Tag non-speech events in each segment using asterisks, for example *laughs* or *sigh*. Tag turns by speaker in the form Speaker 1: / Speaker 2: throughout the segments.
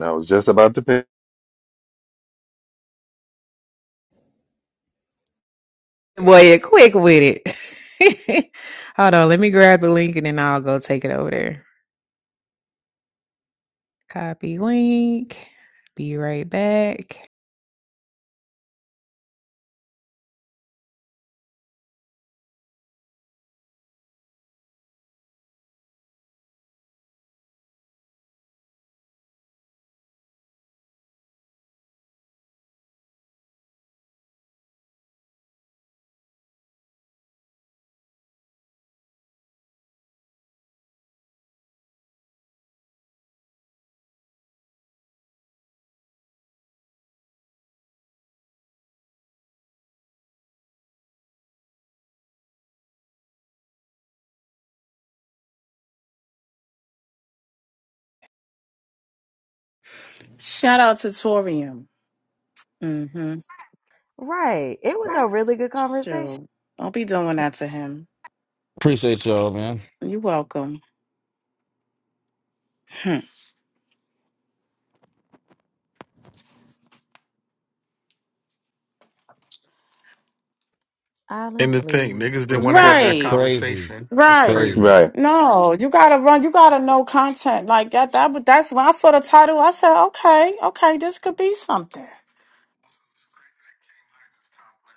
Speaker 1: I was just about to pick.
Speaker 2: Boy, you're quick with it. *laughs* Hold on, let me grab the link and then I'll go take it over there. Copy link. Be right back.
Speaker 3: Shout out to Torium. Mm-hmm.
Speaker 4: Right. It was a really good conversation.
Speaker 3: Sure. Don't be doing that to him.
Speaker 5: Appreciate y'all, man.
Speaker 3: You're welcome. Hmm.
Speaker 4: Island,
Speaker 6: And the thing, niggas
Speaker 4: please.
Speaker 6: didn't
Speaker 5: It's
Speaker 6: want to
Speaker 5: cra-
Speaker 6: have that
Speaker 5: it's
Speaker 3: Right.
Speaker 5: crazy.
Speaker 6: conversation.
Speaker 5: It's
Speaker 6: That's
Speaker 3: Right.
Speaker 5: crazy.
Speaker 6: crazy.
Speaker 1: Right.
Speaker 3: No, you gotta run. You gotta know content like that. That but that's when I saw the title. I said, okay, okay, this could be something.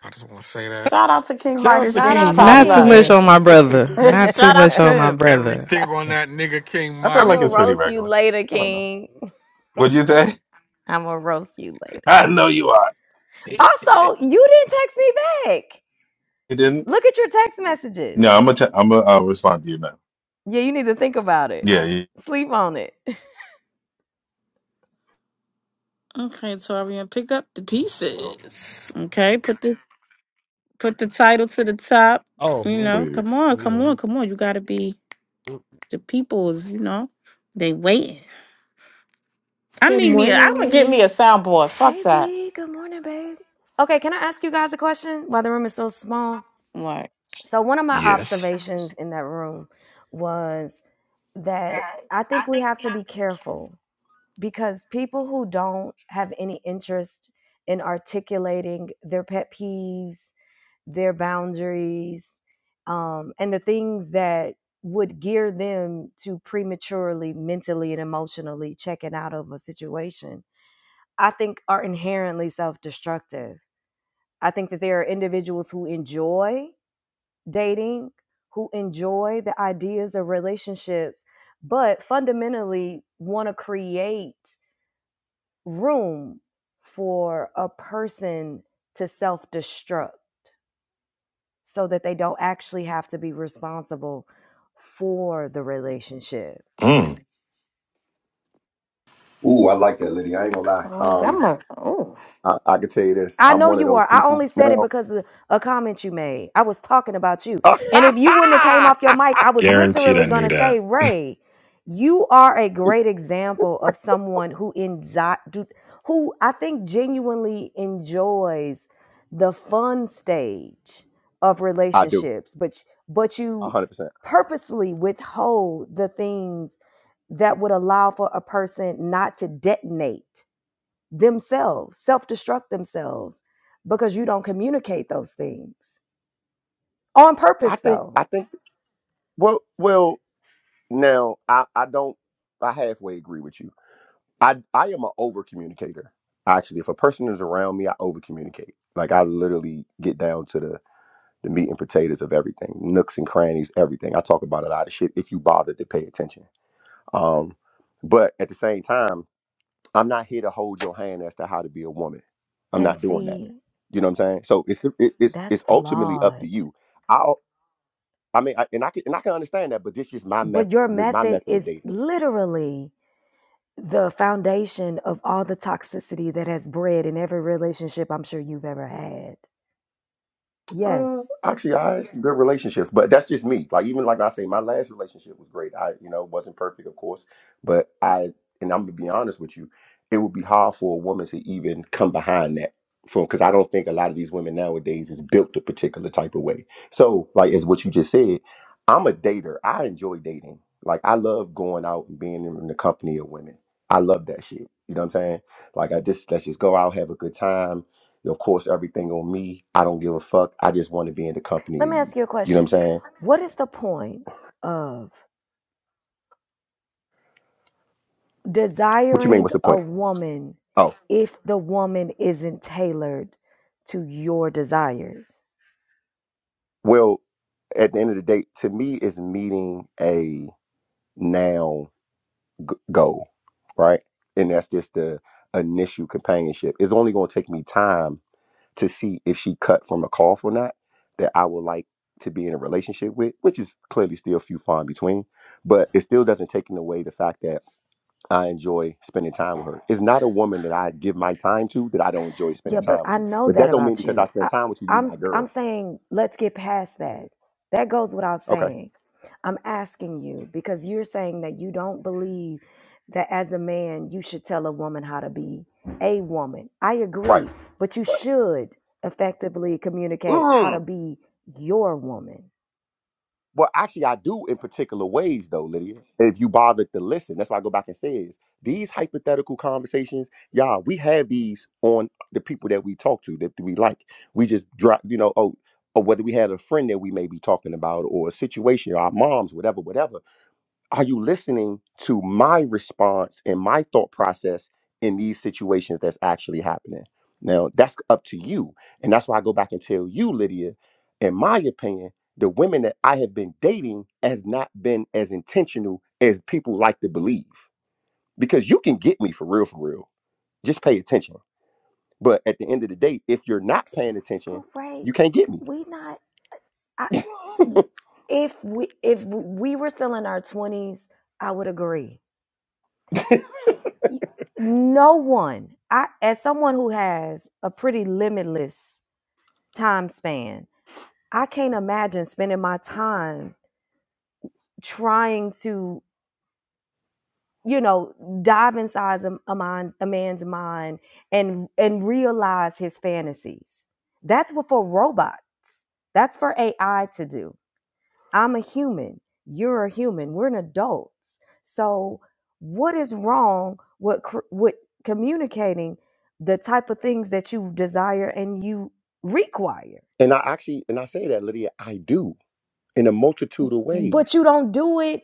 Speaker 6: I just want to say that.
Speaker 3: Shout out to King
Speaker 5: Shout out
Speaker 3: Midas
Speaker 5: to
Speaker 4: Shout
Speaker 3: being
Speaker 5: King
Speaker 4: out to
Speaker 3: top
Speaker 2: Not
Speaker 5: Midas,
Speaker 2: too
Speaker 4: King
Speaker 3: left.
Speaker 2: much
Speaker 4: and
Speaker 5: man.
Speaker 2: on my
Speaker 5: *laughs*
Speaker 3: *laughs*
Speaker 2: brother. Not too
Speaker 4: *laughs*
Speaker 3: Shout out
Speaker 2: much on
Speaker 3: to
Speaker 2: my brother.
Speaker 6: Everything on that nigga King
Speaker 1: I felt
Speaker 4: I'm
Speaker 1: like
Speaker 4: gonna
Speaker 3: him.
Speaker 1: it's
Speaker 6: Midas.
Speaker 1: pretty
Speaker 4: roast you
Speaker 1: regular.
Speaker 4: later,
Speaker 1: I don't know.
Speaker 4: King.
Speaker 1: What'd you say?
Speaker 4: I'm gonna roast you
Speaker 1: *laughs*
Speaker 4: later.
Speaker 1: I know you are. *laughs* you
Speaker 4: Also, you didn't text me back.
Speaker 1: didn't?
Speaker 4: Look at your text messages.
Speaker 1: No, I'm gonna. T- I'm gonna uh, respond to you now.
Speaker 4: Yeah, you need to think about it.
Speaker 1: Yeah, you,
Speaker 4: Sleep on it.
Speaker 3: Okay, Torian, pick up the
Speaker 7: Yeah,
Speaker 3: pieces. Okay, put the put the title to the top.
Speaker 5: Oh,
Speaker 3: You
Speaker 5: let
Speaker 3: know,
Speaker 1: please.
Speaker 3: come on,
Speaker 5: me- yeah.
Speaker 3: come
Speaker 5: let
Speaker 3: on,
Speaker 5: me-
Speaker 3: come on. You gotta be. The people is, you know, they waiting. I
Speaker 8: Good
Speaker 3: need me. A, I'm gonna get
Speaker 8: morning.
Speaker 3: me a soundboard. Fuck
Speaker 4: Hey,
Speaker 3: that.
Speaker 4: B. Good morning, babe. Okay, can I ask you guys a question? Why the room is so small?
Speaker 3: Like,
Speaker 4: So one of my
Speaker 9: Yes.
Speaker 4: observations in that room was that I think we have to be careful because people who don't have any interest in articulating their pet peeves, their boundaries, um, and the things that would gear them to prematurely, mentally, and emotionally checking out of a situation, I think are inherently self destructive. I think that there are individuals who enjoy dating, who enjoy the ideas of relationships, but fundamentally want to create room for a person to self destruct so that they don't actually have to be responsible for the relationship.
Speaker 9: Mm.
Speaker 10: Ooh, I like that, Liddy. I ain't gonna lie.
Speaker 3: oh, that
Speaker 10: Um,
Speaker 3: must. Oh.
Speaker 10: I, I can tell you this.
Speaker 4: I
Speaker 10: I'm
Speaker 4: know
Speaker 10: one of
Speaker 4: you
Speaker 10: those
Speaker 4: are. I only
Speaker 10: people
Speaker 4: said it
Speaker 10: now.
Speaker 4: because of a comment you made. I was talking about you.
Speaker 10: *laughs*
Speaker 4: And if you wouldn't have came
Speaker 10: I
Speaker 4: off your mic, I was
Speaker 9: Guaranteed I
Speaker 4: literally going
Speaker 9: knew
Speaker 4: to
Speaker 9: that.
Speaker 4: say, Ray, you are a great example of someone who enzi- do- who I think genuinely enjoys the fun stage of
Speaker 10: do,
Speaker 4: relationships, but but
Speaker 10: a
Speaker 4: you
Speaker 10: hundred percent.
Speaker 4: purposely withhold the things that would allow for a person not to detonate themselves, self destruct themselves because you don't communicate those things on
Speaker 10: I
Speaker 4: purpose,
Speaker 10: think.
Speaker 4: though.
Speaker 10: I think. Well, well. Now, I, I don't. I halfway agree with you. I, I am an over communicator. Actually, if a person is around me, I over communicate. Like I literally get down to the the meat and potatoes of everything, nooks and crannies, everything. I talk about a lot of shit. If you bothered to pay attention, um, but at the same time. I'm not here to hold your hand as to how to be a woman. I'm
Speaker 4: And
Speaker 10: not doing that.
Speaker 4: see,
Speaker 10: You know what I'm saying? So it's it's it's,
Speaker 4: that's
Speaker 10: it's ultimately up to
Speaker 4: flawed.
Speaker 10: you. I I mean, I, and I can and I can understand that, but this is my method,
Speaker 4: But your
Speaker 10: my
Speaker 4: method
Speaker 10: method of
Speaker 4: is
Speaker 10: dating.
Speaker 4: literally the foundation of all the toxicity that has bred in every relationship I'm sure you've ever had.
Speaker 10: Uh,
Speaker 4: Yes.
Speaker 10: actually, I had good relationships, but that's just me. Like even like I say, my last relationship was great. I you know wasn't perfect, of course, but I and I'm gonna be honest with you, it would be hard for a woman to even come behind that. For because I don't think a lot of these women nowadays is built a particular type of way. So like as what you just said, I'm a dater. I enjoy dating. Like I love going out and being in the company of women. I love that shit. You know what I'm saying? Like I just let's just go out, have a good time of course, everything on me. I don't give a fuck. I just want to be in the company
Speaker 4: Let
Speaker 10: of
Speaker 4: me
Speaker 10: you.
Speaker 4: ask you a
Speaker 10: You know
Speaker 4: question.
Speaker 10: what I'm saying?
Speaker 4: What is the point of
Speaker 10: What you mean?
Speaker 4: desiring
Speaker 10: What's the
Speaker 4: a
Speaker 10: point?
Speaker 4: woman
Speaker 10: Oh,
Speaker 4: if the woman isn't tailored to your desires?
Speaker 10: well, at the end of the day, to me, it's meeting a now g- goal, right? And that's just the initial companionship. It's only going to take me time to see if she cut from a cough or not that I would like to be in a relationship with, which is clearly still few far in between. But it still doesn't take away the fact that I enjoy spending time with her. It's not a woman that I give my time to that I don't enjoy
Speaker 4: Yeah,
Speaker 10: spending
Speaker 4: but
Speaker 10: time with
Speaker 4: I
Speaker 10: you.
Speaker 4: know
Speaker 10: But
Speaker 4: that
Speaker 10: that don't mean
Speaker 4: about
Speaker 10: because I
Speaker 4: you. I,
Speaker 10: spend time with you, you
Speaker 4: I'm
Speaker 10: my
Speaker 4: I'm
Speaker 10: girl.
Speaker 4: saying let's get past that. That goes without
Speaker 10: Okay.
Speaker 4: saying. I'm asking you because you're saying that you don't believe that as a man you should tell a woman how to be a woman. I
Speaker 10: Right.
Speaker 4: agree, but you
Speaker 10: Right.
Speaker 4: should effectively communicate how to
Speaker 10: Mm.
Speaker 4: be your woman.
Speaker 10: Well, actually, I do in particular ways, though, Lydia. If you bothered to listen, that's why I go back and say is these hypothetical conversations, y'all. We have these on the people that we talk to that we like. We just drop, you know, oh, or whether we had a friend that we may be talking about, or a situation, or our moms, whatever, whatever are you listening to my response and my thought process in these situations that's actually happening? Now, that's up to you. And that's why I go back and tell you, Lydia, in my opinion, the women that I have been dating has not been as intentional as people like to believe. Because you can get me for real, for real. Just pay attention. But at the end of the day, if you're not paying
Speaker 4: But
Speaker 10: attention,
Speaker 4: Ray,
Speaker 10: you can't get me.
Speaker 4: we not I,
Speaker 10: *laughs*
Speaker 4: if we if we were still in our 20s, I would agree. y- no one i as someone who has a pretty limitless time span i can't imagine spending my time trying to you know dive inside a, a, mind, a man's mind and and realize his fantasies that's what for robots that's for ai to do I'm a human. You're a human. We're an adults. So what is wrong with with communicating the type of things that you desire and you require?
Speaker 10: and I actually, and I say that, Lydia, I do in a multitude of ways
Speaker 4: But you don't do it.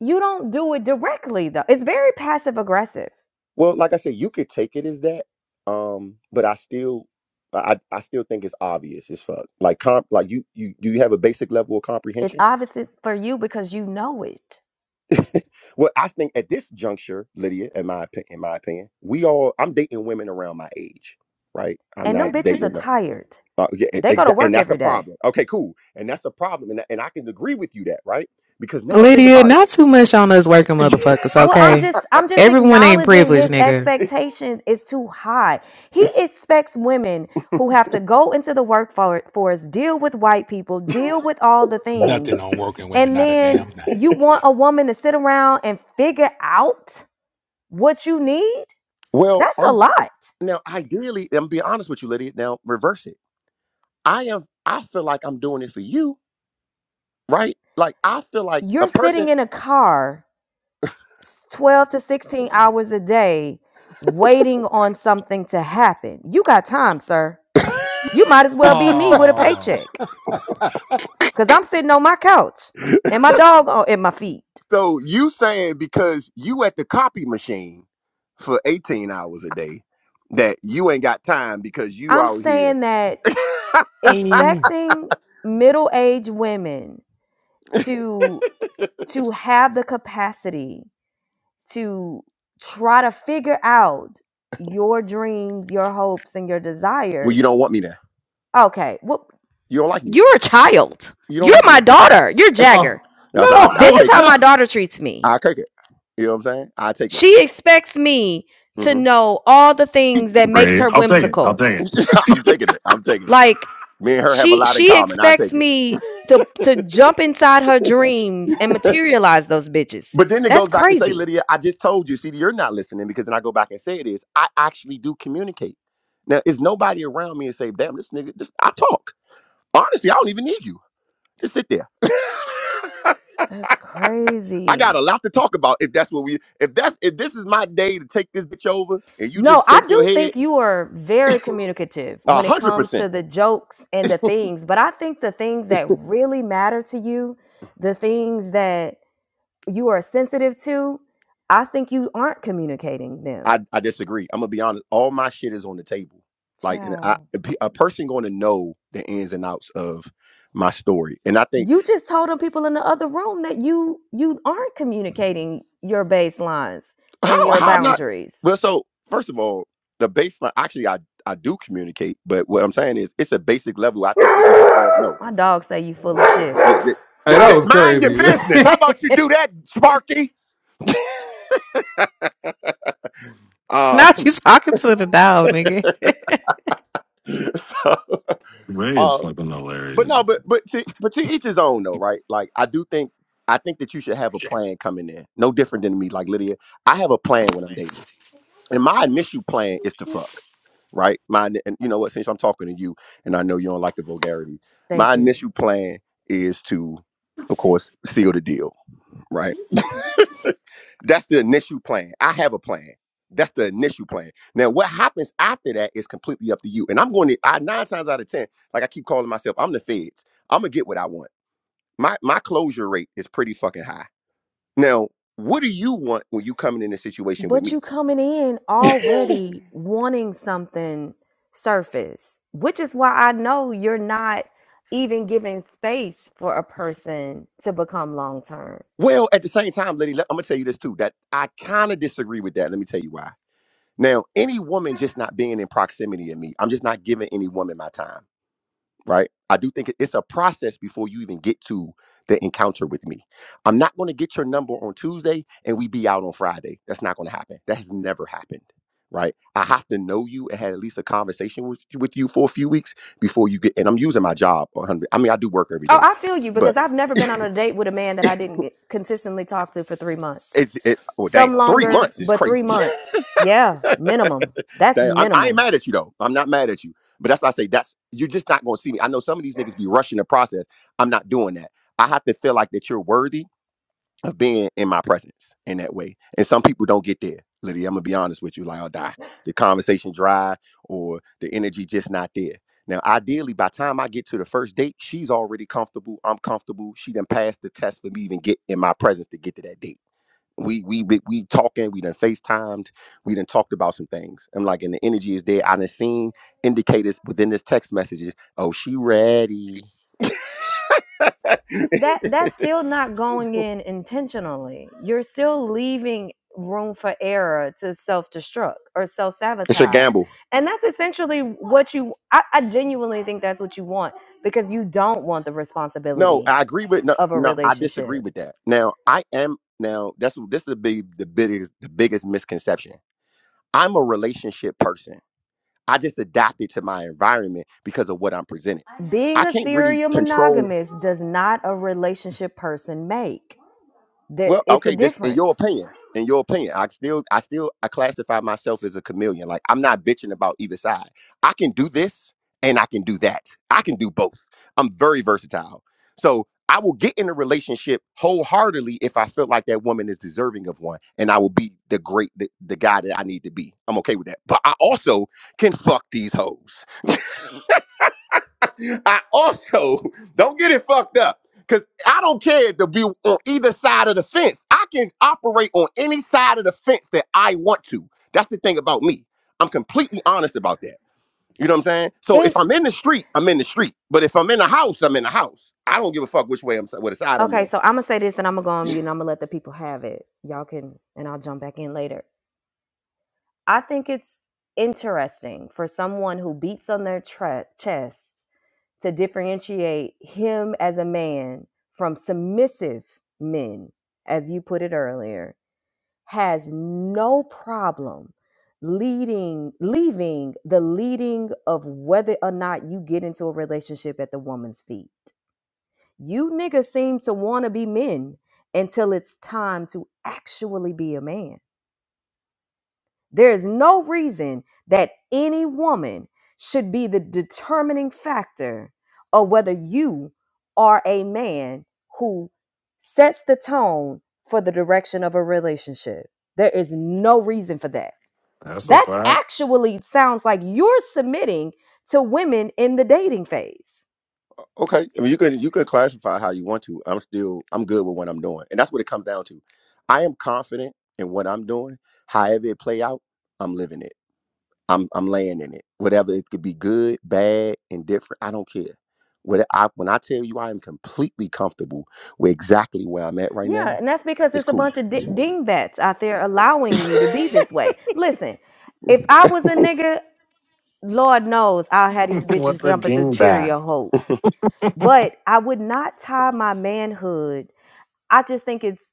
Speaker 4: you don't do it directly though. It's very passive aggressive.
Speaker 10: Well, like I said, you could take it as that, um, but I still, I, I still think it's obvious as fuck. Like comp, like you, you, do you have a basic level of
Speaker 4: It's
Speaker 10: comprehension.
Speaker 4: obvious for you because you know it.
Speaker 10: *laughs* well, I think at this juncture, Lydia, in my opi- in my opinion, we all, I'm dating women around my age, right? I'm
Speaker 4: And
Speaker 10: not
Speaker 4: them
Speaker 10: Mhm.
Speaker 4: bitches are
Speaker 10: dating. them.
Speaker 4: tired.
Speaker 10: Uh, yeah,
Speaker 4: They go to
Speaker 10: exactly, and
Speaker 4: work
Speaker 10: that's a
Speaker 4: every day.
Speaker 10: problem. Okay, cool, and that's a problem, and and I can agree with you that, right? Because now think
Speaker 2: Lydia,
Speaker 10: about it.
Speaker 2: not too much on us working
Speaker 10: *laughs*
Speaker 2: motherfuckers,
Speaker 4: Well, I'm
Speaker 2: okay?
Speaker 4: just I'm just
Speaker 2: Everyone ain't
Speaker 4: acknowledging
Speaker 2: privileged,
Speaker 4: his
Speaker 2: nigga.
Speaker 4: expectations is too high. He expects women who have to go into the workforce, deal with white people, deal with all the
Speaker 11: Nothing
Speaker 4: things.
Speaker 11: on working women,
Speaker 4: And
Speaker 11: not a
Speaker 4: then
Speaker 11: damn thing.
Speaker 4: you want a woman to sit around and figure out what you need?
Speaker 10: well,
Speaker 4: That's a
Speaker 10: I'm
Speaker 4: lot.
Speaker 10: now ideally, I'm being honest with you, Lydia. Now reverse it. I am. I feel like I'm doing it for you right? Like I feel like a
Speaker 4: You're sitting
Speaker 10: person.
Speaker 4: in a car 12 to 16 hours a day waiting on something to happen. You got time, sir. You
Speaker 10: *laughs*
Speaker 4: might as well be me with a
Speaker 5: Oh,
Speaker 4: paycheck. because I'm sitting on my couch and my dog on, at my feet.
Speaker 10: so you saying because you at the copy machine for 18 hours a day that you ain't got time because you
Speaker 4: I'm
Speaker 10: out here.
Speaker 4: saying that
Speaker 10: *laughs*
Speaker 5: Mm.
Speaker 4: expecting middle-aged women to to have the capacity to try to figure out your dreams, your hopes, and your
Speaker 10: well, you
Speaker 4: desires.
Speaker 10: don't want me there.
Speaker 4: Okay, well,
Speaker 10: You don't like me.
Speaker 4: you're a child.
Speaker 10: You don't
Speaker 4: You're
Speaker 10: like me
Speaker 4: my
Speaker 10: there.
Speaker 4: daughter. You're
Speaker 11: Oh
Speaker 4: Jagger.
Speaker 10: That's I I
Speaker 4: This is
Speaker 11: no,
Speaker 10: take
Speaker 11: *laughs*
Speaker 4: how
Speaker 10: it.
Speaker 4: my
Speaker 11: no!
Speaker 4: daughter treats me.
Speaker 10: I take it. You know what I'm saying? I take it.
Speaker 4: She expects me to
Speaker 10: hmm
Speaker 4: know all the things that makes
Speaker 9: Ray.
Speaker 4: her
Speaker 9: I'll take it. I'll
Speaker 4: whimsical
Speaker 9: take it.
Speaker 10: *laughs* I'm taking it. I'm taking it.
Speaker 4: Like
Speaker 10: Me and her have a
Speaker 4: she
Speaker 10: lot in
Speaker 4: she
Speaker 10: common. I
Speaker 4: expects
Speaker 10: take it.
Speaker 4: me to to jump inside her dreams and materialize those bitches.
Speaker 10: But then it
Speaker 4: That's
Speaker 10: goes back to say,
Speaker 4: crazy.
Speaker 10: Lydia, I just told you. See, you're not listening because then I go back and say it is. I actually do communicate. Now, is nobody around me and say, damn, this nigga, just I talk. Honestly, I don't even need you. Just sit there. *laughs*
Speaker 4: That's
Speaker 10: I got
Speaker 4: crazy.
Speaker 10: a lot to talk about if that's what we if that's if this is my day to take this bitch over and you
Speaker 4: No,
Speaker 10: just
Speaker 4: I
Speaker 10: shake your
Speaker 4: do
Speaker 10: head,
Speaker 4: think you are very communicative
Speaker 10: a
Speaker 4: when it
Speaker 10: hundred
Speaker 4: comes to
Speaker 10: percent.
Speaker 4: the jokes and the things, but I think the things that really matter to you, the things that you are sensitive to, I think you aren't communicating them.
Speaker 10: I, I disagree. I'm gonna be honest. All my shit is on the table. Like, and I,
Speaker 4: Child.
Speaker 10: a pe- a person going to know the ins and outs of my story, and I think.
Speaker 4: You just told them people in the other room that you you aren't communicating your baselines and
Speaker 10: how
Speaker 4: your
Speaker 10: how I'm not
Speaker 4: boundaries.
Speaker 10: well so first of all the baseline actually I I do communicate but what I'm saying is it's a basic level I think that we should all know
Speaker 4: My dog say you full
Speaker 10: yeah,
Speaker 4: of
Speaker 10: that,
Speaker 11: Hey,
Speaker 10: that,
Speaker 11: that
Speaker 10: that-
Speaker 11: was
Speaker 10: mind your
Speaker 11: crazy. *laughs*
Speaker 10: business how about you
Speaker 4: shit.
Speaker 10: do
Speaker 4: *laughs*
Speaker 10: that Sparky uh,
Speaker 2: Now *laughs*
Speaker 10: *laughs*
Speaker 2: she's talking to the dog, nigga. *laughs*
Speaker 10: so,
Speaker 9: Ray is
Speaker 10: um
Speaker 9: fucking
Speaker 10: but
Speaker 9: hilarious.
Speaker 10: no but but to, but to each his own though right like I do think I think that you should have a
Speaker 9: Yeah.
Speaker 10: plan coming in no different than me like Lydia I have a plan when I'm dating and my initial plan is to fuck right? My and you know what? Since I'm talking to you, and I know you don't like the vulgarity, my
Speaker 4: Thank you.
Speaker 10: initial plan is to, of course, seal the deal, right? That's the initial plan. I have a plan. That's the initial plan. Now, what happens after that is completely up to you. And I'm going to I, nine times out of ten, like I keep calling myself, I'm the feds. I'm gonna get what I want. My my closure rate is pretty fucking high. Now, what do you want when you coming in a situation with
Speaker 4: But
Speaker 10: me?
Speaker 4: you coming in
Speaker 10: *laughs*
Speaker 4: already wanting something surface, which is why I know you're not even giving space for a person to become long term
Speaker 10: Well, at the same time, Liddy, let- I'm gonna tell you this too. That I kind of disagree with that. Let me tell you why. Now, any woman just not being in proximity of me, I'm just not giving any woman my time, right? I do think it- it's a process before you even get to the encounter with me. I'm not gonna get your number on Tuesday and we be out on Friday. That's not gonna happen. That has never happened. Right, I have to know you and had at least a conversation with, with you for a few weeks before you get. And I'm using my job. 100, I mean, I do work every
Speaker 4: Oh,
Speaker 10: day,
Speaker 4: I feel you because
Speaker 10: but
Speaker 4: I've never been on a date with a man that I didn't get consistently talk to for three months.
Speaker 10: it's it. Well,
Speaker 4: Some
Speaker 10: damn, three
Speaker 4: longer,
Speaker 10: months is
Speaker 4: but three
Speaker 10: crazy.
Speaker 4: months. Yeah, minimum. That's
Speaker 10: Damn. I, I ain't
Speaker 4: minimum.
Speaker 10: mad at you though. I'm not mad at you. But that's why I say that's you're just not gonna see me. I know some of these niggas be rushing the process. I'm not doing that. I have to feel like that you're worthy of being in my presence in that way. And some people don't get there. Lydia, I'm gonna be honest with you. Like I'll die. The conversation dry or the energy just not there. Now, ideally, by the time I get to the first date, she's already comfortable. I'm comfortable. She done passed the test for me even get in my presence to get to that date we we be- we talking, we done FaceTimed, we done talked about some things. I'm like, and the energy is there. I done seen indicators within this text messages. Oh, she ready. *laughs*
Speaker 4: That that's
Speaker 10: it's
Speaker 4: still not going in intentionally. You're still leaving room for error to self-destruct or
Speaker 10: a
Speaker 4: self-sabotage.
Speaker 10: gamble.
Speaker 4: And that's essentially what you I, I genuinely think that's what you want because you don't want the
Speaker 10: No,
Speaker 4: responsibility
Speaker 10: I agree with no
Speaker 4: of a
Speaker 10: no, I
Speaker 4: relationship
Speaker 10: disagree with that. Now I am now that's this is the big the biggest the biggest misconception. I'm a relationship person. I just adapted to my environment because of what I'm presented. I
Speaker 4: Being a
Speaker 10: can't really
Speaker 4: serial
Speaker 10: control.
Speaker 4: monogamist does not a relationship person make. That
Speaker 10: Well,
Speaker 4: it's a
Speaker 10: okay, this in your
Speaker 4: difference.
Speaker 10: opinion, in your opinion, I still I still I classify myself as a chameleon. Like I'm not bitching about either side. I can do this and I can do that. I can do both. I'm very versatile. So I will get in a relationship wholeheartedly if I feel like that woman is deserving of one, and I will be the great the, the guy that I need to be. I'm okay with that. But I also can fuck these hoes. I also *laughs* don't get it fucked up because I don't care to be on either side of the fence. I can operate on any side of the fence that I want to. That's the thing about me. I'm completely honest about that. You know what I'm saying? So
Speaker 4: And
Speaker 10: if I'm in the street, I'm in the street. But if I'm in the house, I'm in the house. I don't give a fuck which way I'm what side I'm
Speaker 4: okay,
Speaker 10: on.
Speaker 4: so I'm gonna say this, and I'm gonna go on mute, and I'm gonna let the people have it. Y'all can, and I'll jump back in later. I think it's interesting for someone who beats on their tre- chest to differentiate him as a man from submissive men, as you put it earlier has no problem leading leaving the leading of whether or not you get into a relationship at the woman's feet. You niggas seem to want to be men until it's time to actually be a man. There is no reason that any woman should be the determining factor of whether you are a man who sets the tone for the direction of a relationship. There is no reason for that.
Speaker 9: That's a
Speaker 4: That's
Speaker 9: fact.
Speaker 4: actually sounds like you're submitting to women in the dating phase.
Speaker 10: Okay, I mean, you can you can classify how you want to. I'm still I'm good with what I'm doing, and that's what it comes down to. I am confident in what I'm doing. However it play out, I'm living it. I'm I'm laying in it. Whatever it could be good, bad, indifferent. I don't care. What I when I tell you I am completely comfortable with exactly where I'm at right
Speaker 4: Yeah,
Speaker 10: now,
Speaker 4: and that's because
Speaker 10: it's
Speaker 4: it's a
Speaker 10: cool.
Speaker 4: bunch
Speaker 10: *laughs*
Speaker 4: of di- dingbats out there allowing you to be
Speaker 10: Fine,
Speaker 4: this way. Listen, if I was a nigga, Lord knows I'll have these
Speaker 9: *laughs*
Speaker 4: bitches
Speaker 9: What's a
Speaker 4: jumping through Cheerio
Speaker 9: dingbat?
Speaker 4: hopes. But I would not tie my manhood. I just think it's